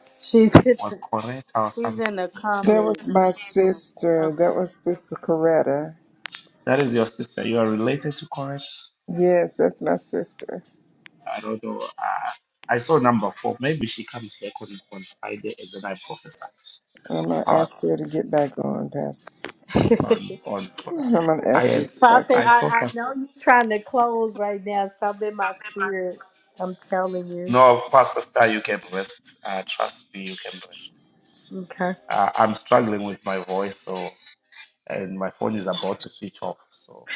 she's in was the, Coretta or she's something. in the She- That comments. was my sister. That Okay. was Sister Coretta. that is your sister. You are related to Coretta. Yes, that's my sister. I don't know. Uh, I saw number four. Maybe she comes back on, on Friday and then I prophesy I'm going to uh, ask her to get back on, on on. Fri- I'm gonna I ask her to had get back on. Prophet, I I, saw I some. know you're trying to close right now. Something in my spirit. I'm telling you. No, Pastor Star, you can rest. Uh, trust me, you can rest. Okay. Uh, I'm struggling with my voice, so and my phone is about to switch off. So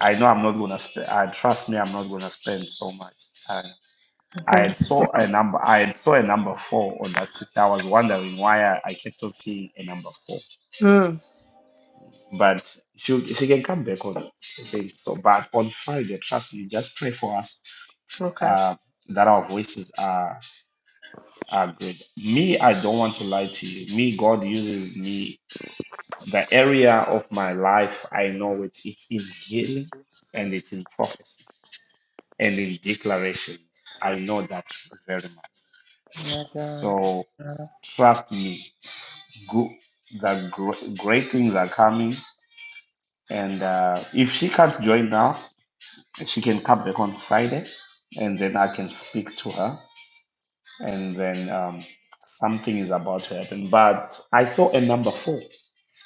I know I'm not gonna spend. I trust me, I'm not gonna spend so much time. I Okay. had saw a number. I had saw a number four on that sister. I was wondering why I, I kept on seeing a number four. Mm, But she she can come back on. it, I think so. But on Friday, trust me, just pray for us. okay. Uh, that our voices are are good. Me, I don't want to lie to you. Me, God uses me. The area of my life I know it. It's in healing and it's in prophecy and in declarations. I know that very much. Oh My God. So trust me, go, the gr- great things are coming. And uh, if she can't join now, she can come back on Friday, and then I can speak to her, and then um, something is about to happen. But I saw a number four.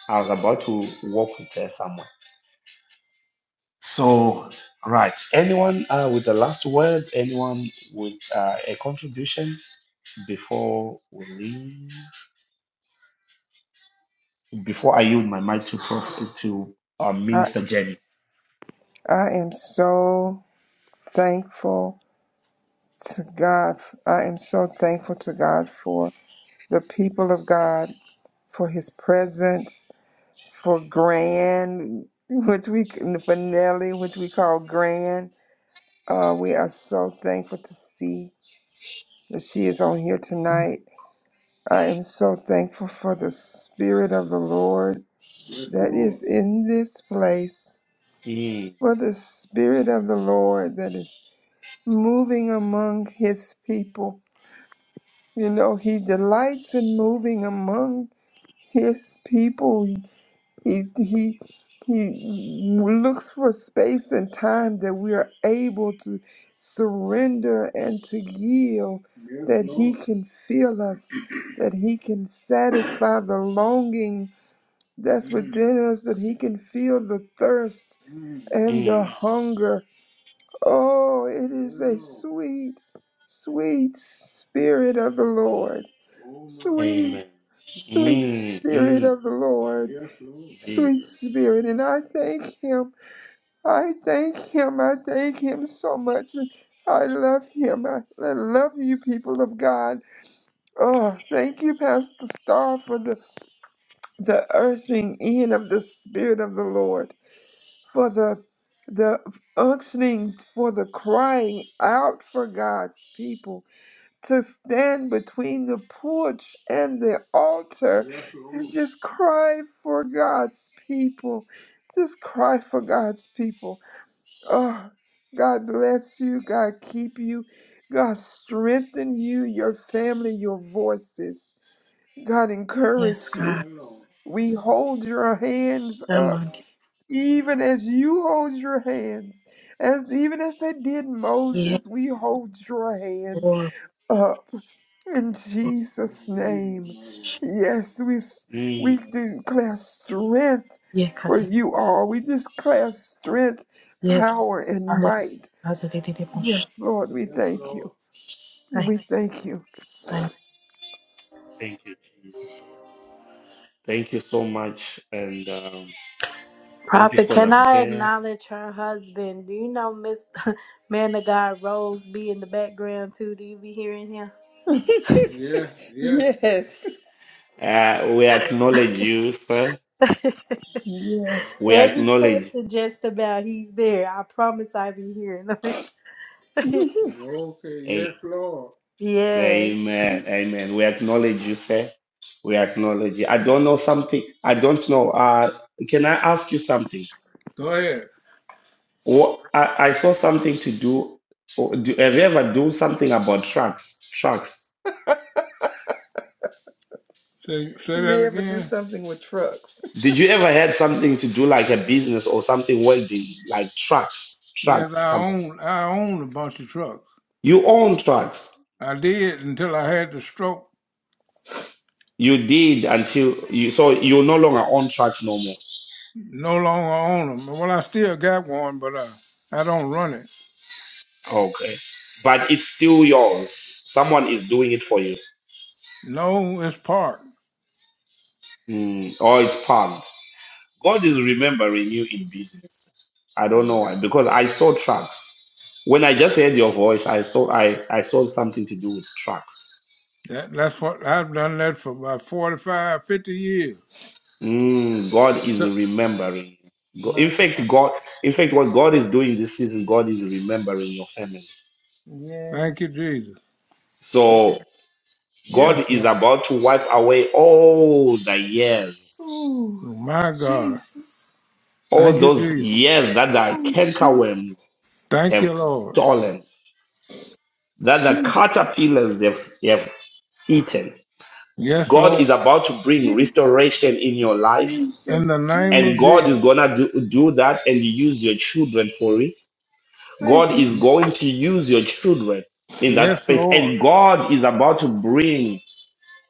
I was about to walk with her somewhere. So, right. Anyone uh, with the last words? Anyone with uh, a contribution? Before we leave, before I yield my mic to Prof, to uh, I Minister Jenny. I am so thankful to God. I am so thankful to God for the people of God, for His presence, for Grand, which we for Nelly, which we call Grand. Uh, we are so thankful to see that she is on here tonight. I am so thankful for the Spirit of the Lord that is in this place. Mm, for the Spirit of the Lord that is moving among His people. You know, He delights in moving among His people. He, he, he looks for space and time that we are able to surrender and to yield, Yes, that He Lord. can fill us, that He can satisfy the longing that's Mm, within us, that He can feel the thirst mm, and the mm, hunger Oh, it is a sweet, sweet spirit of the Lord. Sweet, amen. sweet Mm, spirit mm, of the Lord. Sweet Jesus. spirit. And I thank him. I thank him. I thank him so much. And I love him. I, I love you, people of God. Oh, thank you, Pastor Starr, for the, the urging in of the spirit of the Lord for the the unctioning for the crying out for God's people to stand between the porch and the altar Yes, Lord. and just cry for God's people. Just cry for God's people. Oh, God bless you. God keep you. God strengthen you, your family, your voices. God Yes, encourage you. God. Yes, Lord. We hold your hands That up Monday. even as you hold your hands, as even as they did Yeah. Moses, we hold your hands Lord. up in Jesus' name. Yes, we we Mm, declare strength Yeah, for you all. We declare strength, God. power, and Hallelujah. might. Thank you. Yes, Lord, we Yes, thank you. thank We thank you. you. thank you, Jesus. Thank you so much, and um, thank you Prophet, for can the I prayer. acknowledge her husband? Do you know Miss Man of God Rose be in the background too? Do you be hearing him? Yes, yes, Yes, yes, Uh, we Lord. acknowledge you, sir. yes. We Every acknowledge. session, just about he's there. I promise I be hearing him. Okay, A- yes, Lord. yes. Amen. Amen. We acknowledge you, sir. We acknowledge you. I don't know something. I don't know. Uh, can I ask you something? Go ahead. Or I, I saw something to do. oh, do. Have you ever do something about trucks? Trucks. Say say You that ever do again. something with trucks. Did you ever had something to do like a business or something welding like trucks? Yes, Trucks I company. own I own a bunch of trucks. You own trucks. I did until I had the stroke. You did until you so you no longer own trucks no more. No longer own them. Well, I still got one, but I I don't run it. Okay, but it's still yours. Someone is doing it for you. No, it's parked. Mm, or it's palm. God is remembering you in business. I don't know why, because I saw tracks. When I just heard your voice, I saw I, I saw something to do with tracks. That, that's what I've done that for about forty-five, fifty years. Mm, God is Until- remembering. Go- In My God. fact, God, in fact, what God is doing this season, God is remembering your family. Thank you, Yes. Jesus. Yes. So God Yes, is Lord. about to wipe away all the years, Oh, My God. Jesus. all Thank you, those Jesus. years that the Oh, Jesus. cankerworms Thank have you, Lord. stolen, that the Jesus. caterpillars have, have eaten Yes, God Lord. is about to bring Jesus, restoration in your In lives, Jesus, the name of and God Jesus. is Jesus. gonna do, do that and use your children for it. Thank God you, is Jesus. going to use your children in that Yes, space, Lord. and God is about to bring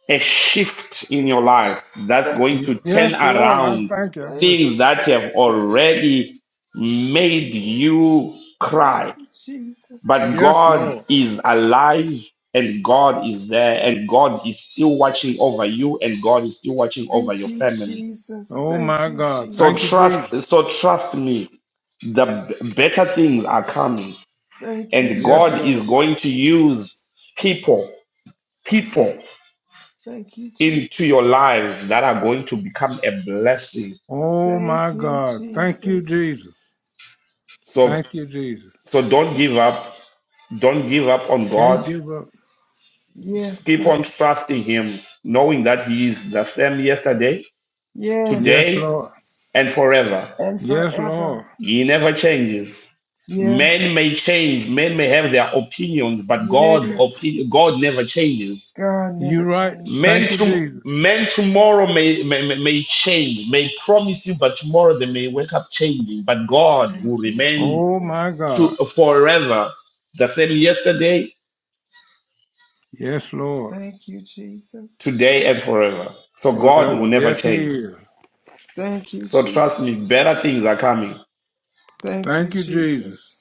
a shift in your lives that's Thank going you, Y- to Yes, turn Jesus. Lord. I around thank you. Thank Yes, Lord. you, things that have already made you cry thank you, Jesus. but Yes, God Lord. is alive and God is there and God is still watching over you and God is still watching over Thank your you, family. Jesus. Oh, Thank my you, God. So Thank you, Jesus. trust Jesus. so trust me the b- better things are coming Thank you, and Yes, Jesus. god is Lord. going to use people people Thank you, Jesus. into your lives that are going to become a blessing Oh, Thank my Thank you, God. Thank you, Jesus. Jesus. so Thank you, Jesus. so don't give up don't give up on Can't god give up. Yes, keep God. on trusting him knowing that he is the same yesterday Yes. Yes, today Lord. and forever. And Yes, forever. Lord. He never changes. Yes. Men may change, men may have their opinions, but God's Yes. opinion, God never changes. God never You right. changes. Men Thank you, to Jesus. men tomorrow may, may may change, may promise you, but tomorrow they may wake up changing. But God will Thank you, remain Oh my Jesus. to God. forever, the same yesterday, Yes, Lord. Thank you, Jesus. today, and forever. So God will Forever. never Yes, He change. is. Thank you, So Jesus. trust me, better things are coming. Thank you, Thank you, Jesus. Jesus.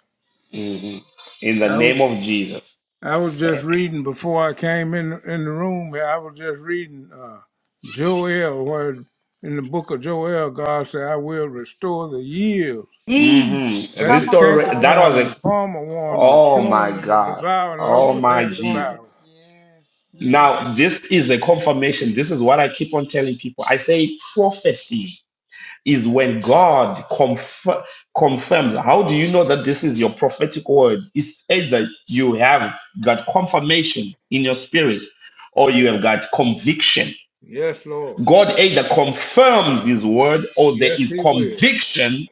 Mhm. In the I name was of Jesus. I was just reading before I came in in the room. here, I was just reading uh, Joel, where in the book of Joel, God said, "I will restore the years hmm Yeesh. that Come the Restore on. that was cankerworm, the a palmer worm, the oh my chewing and the God. devouring Oh Yeah, locust my has yeah. devoured." Jesus. Yes, yes. Now, this is a confirmation. This is what I keep on telling people. I say prophecy is when God confir- confirms. How do you know that this is your prophetic word? It's either you have got confirmation in your spirit or you have got conviction. Yes, Lord. God either confirms his word or there Yes, is He will. conviction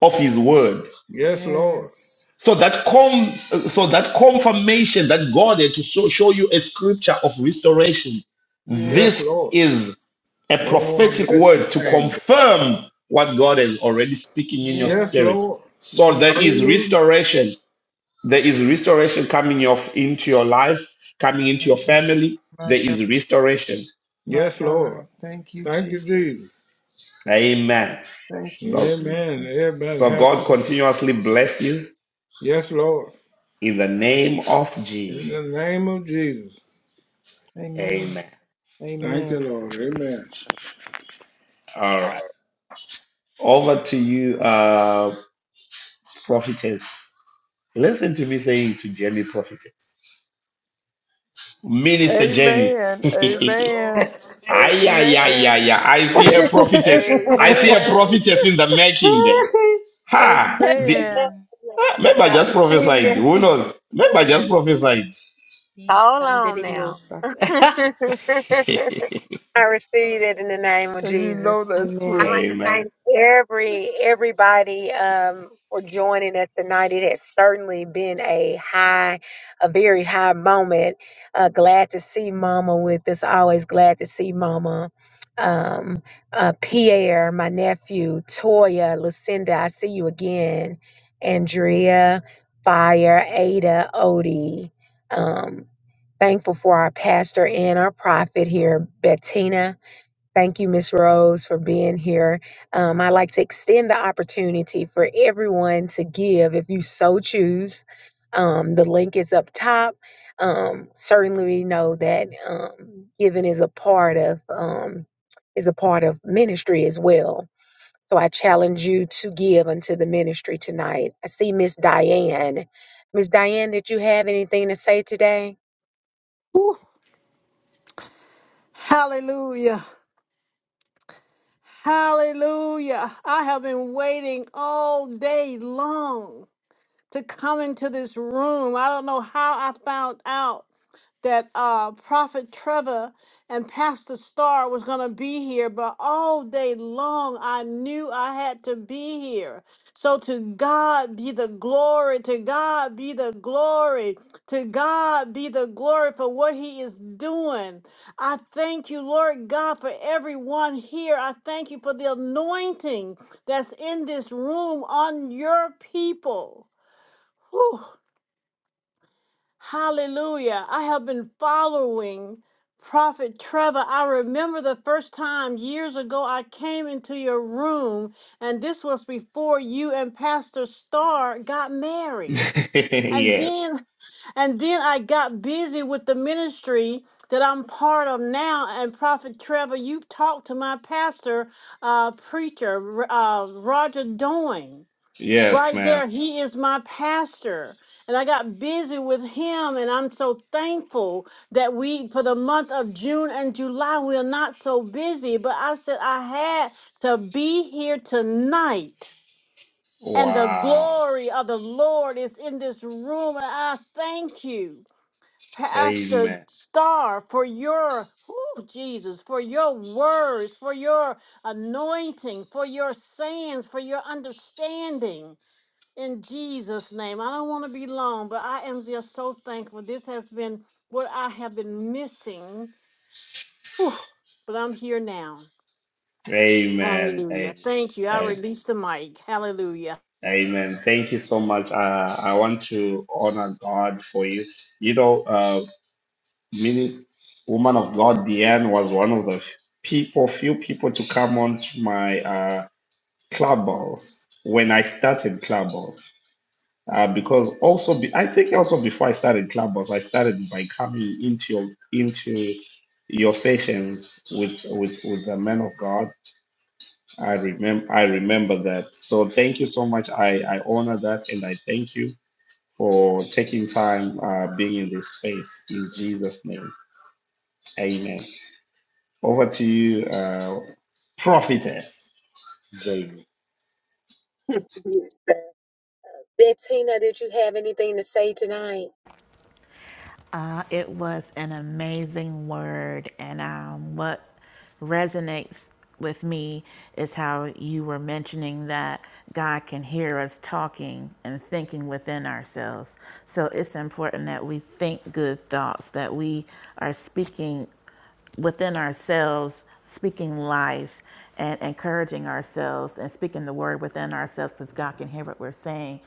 of his word. Yes, Lord. Yes. So that com- so that confirmation that God had to so- show you a scripture of restoration. Yes, Yes. This Lord. is a Oh, I prophetic bless word your to name. God. confirm what God is already speaking in Yes, your Yes. spirit. Lord. So Yes. there is Hallelujah. restoration. There is restoration coming of, into your life, coming into My your God. family. My God. There My is restoration. Yes, Lord. God. Thank you, Thank you, Jesus. Jesus. Amen. Thank you, So Amen. Jesus. Everybody so have God a- continuously bless you Yes, Lord. in the name of In the name Jesus. of Jesus. Amen. Amen. Thank Amen. you, Lord. Amen. All right. Over to you, uh, prophetess. Listen to me saying to Jenny, prophetess. Minister Amen. Jenny. Yes, Amen. Lord. ay, ay, ay, ay, ay. Amen. I All see right, a we- thank prophetess. you, Lord. I Amen. see a prophetess in the making there. Ha! The, Amen. Yes, ah, maybe I God, just we prophesied. Who thank knows? Maybe I you. just prophesied. Yeesh. Hold on now. Shandiriosat. I receive it in the name of And you Jesus. know that's I Amen. true. like to Amen. thank every everybody um, for joining us tonight. It has certainly been a high, a very high moment. Uh, glad to see Mama with us. Always glad to see Mama. Um, uh, Pierre, my nephew, Toya, Lucinda. I see you again. Andrea, Fire, Ada, Odie. Um, thankful for our pastor and our prophet here, Bettina Thank you, Miss Rose, for being here. Um, I'd like to extend the opportunity for everyone to give if you so choose. Um, the link is up top. Um, certainly, we know that um, giving is a part of um, is a part of ministry as well. So I challenge you to give unto the ministry tonight. I see Miss Diane. Miss Diane, did you have anything to say today? Whew. Hallelujah. Hallelujah. I have been waiting all day long to come into this room. I don't know how I found out. that uh, Prophet Trevor and Pastor Starr was going to be here, but all day long I knew I had to be here. So to God be the glory, to God be the glory, to God be the glory for what he is doing. I thank you, Lord God, for everyone here. I thank you for the anointing that's in this room on your people. Whew. Hallelujah. I have been following Prophet Trevor. I remember the first time years ago I came into your room, and this was before you and Pastor Starr got married. And yes. then and then I got busy with the ministry that I'm part of now. And Prophet Trevor, you've talked to my pastor, uh, preacher, R- uh, Roger Doyne. Yes, Right man. there, he is my pastor. And I got busy with him, and I'm so thankful that we, for the month of June and July, we are not so busy. But I said, I had to be here tonight, and the Wow. glory of the Lord is in this room. And I thank you, Pastor Amen. Star, for your. whew, Jesus, for your words, for your anointing, for your sayings, for your understanding in Jesus' name. I don't want to be long, but I am just so thankful. This has been what I have been missing. Whew, but I'm here now. Amen. Hallelujah. Thank you. I Amen. release the mic. Hallelujah. Amen. Thank you so much. Uh, I want to honor God for you. You know, uh, mini woman of God, Deanne, was one of the f- people, few people to come on to my uh, clubhouse when I started clubhouse. Uh, because also, be, I think also before I started clubhouse, I started by coming into your into your sessions with with with the man of God. I remember I remember that. So thank you so much. I I honor that and I thank you for taking time uh, being in this space. In Jesus' name, amen. Over to you, uh, prophetess Jamie. Yes, ma'am. Bettina, did you have anything to say tonight? Uh, it was an amazing word, and um, what resonates with me is how you were mentioning that God can hear us talking and thinking within ourselves. So it's important that we think good thoughts, that we are speaking within ourselves, speaking life and encouraging ourselves and speaking the word within ourselves because God can hear what we're saying.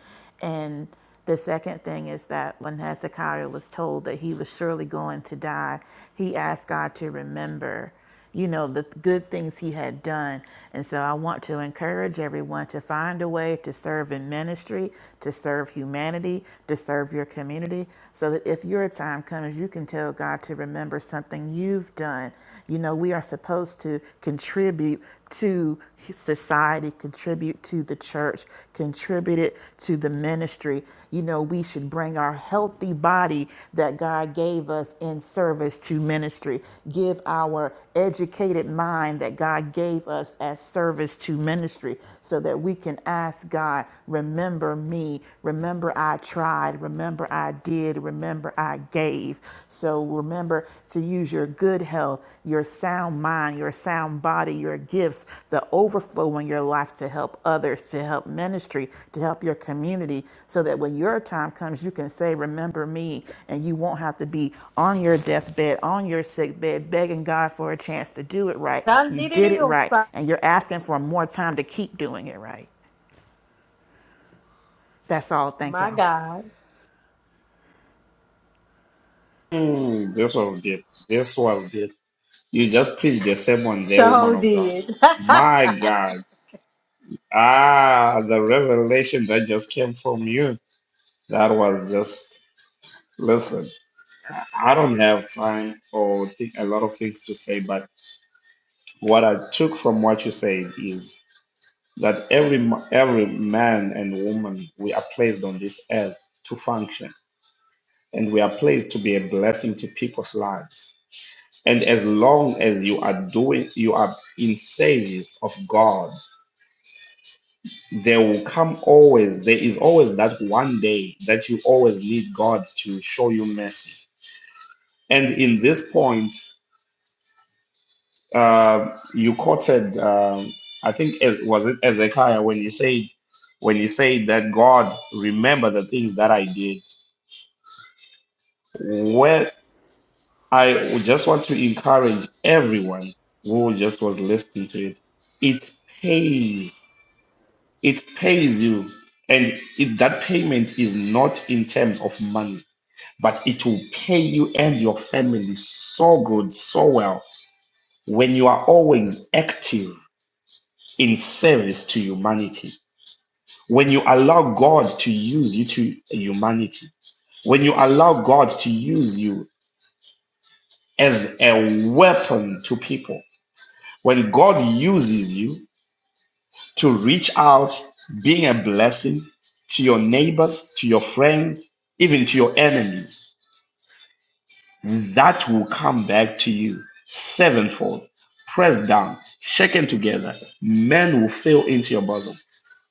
And the second thing is that when Hezekiah was told that he was surely going to die, he asked God to remember you know, the good things he had done. And so I want to encourage everyone to find a way to serve in ministry, to serve humanity, to serve your community, so that if your time comes, you can tell God to remember something you've done. You know, we are supposed to contribute to society, contribute to the church, contribute it to the ministry you know, we should bring our healthy body that God gave us in service to ministry. Give our educated mind that God gave us as service to ministry so that we can ask God, remember me, remember I tried, remember I did, remember I gave. So remember to use your good health, your sound mind, your sound body, your gifts, the overflow in your life to help others, to help ministry, to help your community, so that when your time comes, you can say, Remember me, and you won't have to be on your deathbed, on your sick bed, begging God for a chance to do it right. You did it right, Shandiriosat. and you're asking for more time to keep doing it right. That's all. Thank My y'all. God. Mm, this was deep. This was deep. You just preached the sermon, the woman Sure of God. did. My God. Ah, the revelation that just came from you. That was just, listen, I I don't have time or think a lot of things to say, but what I took from what you said is that every ma- every man and woman we are placed on this earth to function and we are placed to be a blessing to people's lives and as long as you are doing you are in service of god there will come always there is always that one day that you always need god to show you mercy and in this point Uh, you quoted, um, I think, it was it Ezekiah when he said, when he said that God remember the things that I did. Well, I would just want to encourage everyone who just was listening to it. It pays. It pays you, and it, that payment is not in terms of money, but it will pay you and your family so good, so well when you are always active in service to humanity when you allow God to use you to humanity, when you allow God to use you as a weapon to people, when God uses you to reach out, being a blessing to your neighbors, to your friends, even to your enemies, that will come back to you sevenfold, pressed down, shaken together. Men will fill into your bosom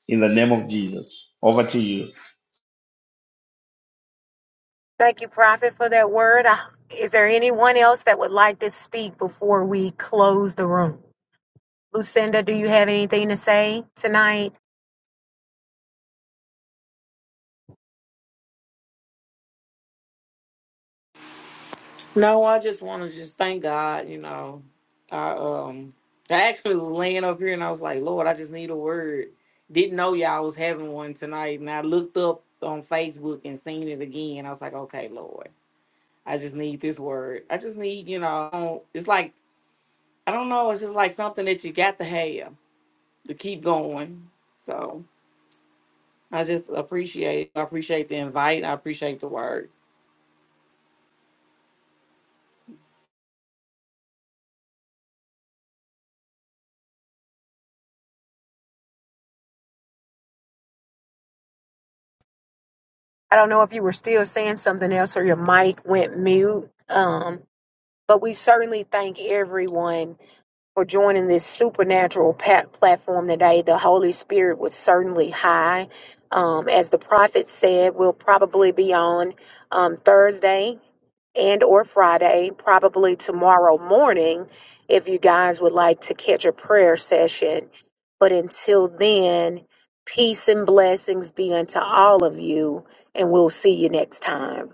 in the name of Jesus. Over to you. Thank you, Prophet, for that word. Uh, Is there anyone else that would like to speak before we close the room? Lucinda, do you have anything to say tonight? No, I just want to just thank God. You know, I um, I actually was laying up here and I was like, Lord, I just need a word. Didn't know y'all was having one tonight, and I looked up on Facebook and seen it again. I was like, okay, Lord, I just need this word. I just need, you know, I don't- it's like I don't know, it's just like something that you got to have to keep going. So I just appreciate, I appreciate the invite, I appreciate the word. I don't know if you were still saying something else or your mic went mute, um, but we certainly thank everyone. for joining this supernatural pat- platform today. The Holy Spirit was certainly high. Um, as the prophet said, we'll probably be on um, Thursday and or Friday, probably tomorrow morning, if you guys would like to catch a prayer session. But until then, peace and blessings be unto all of you, and we'll see you next time.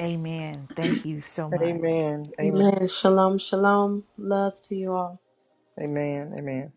Amen. Thank you so much. Amen. Amen. Shalom, shalom. Love to you all. Amen. Amen.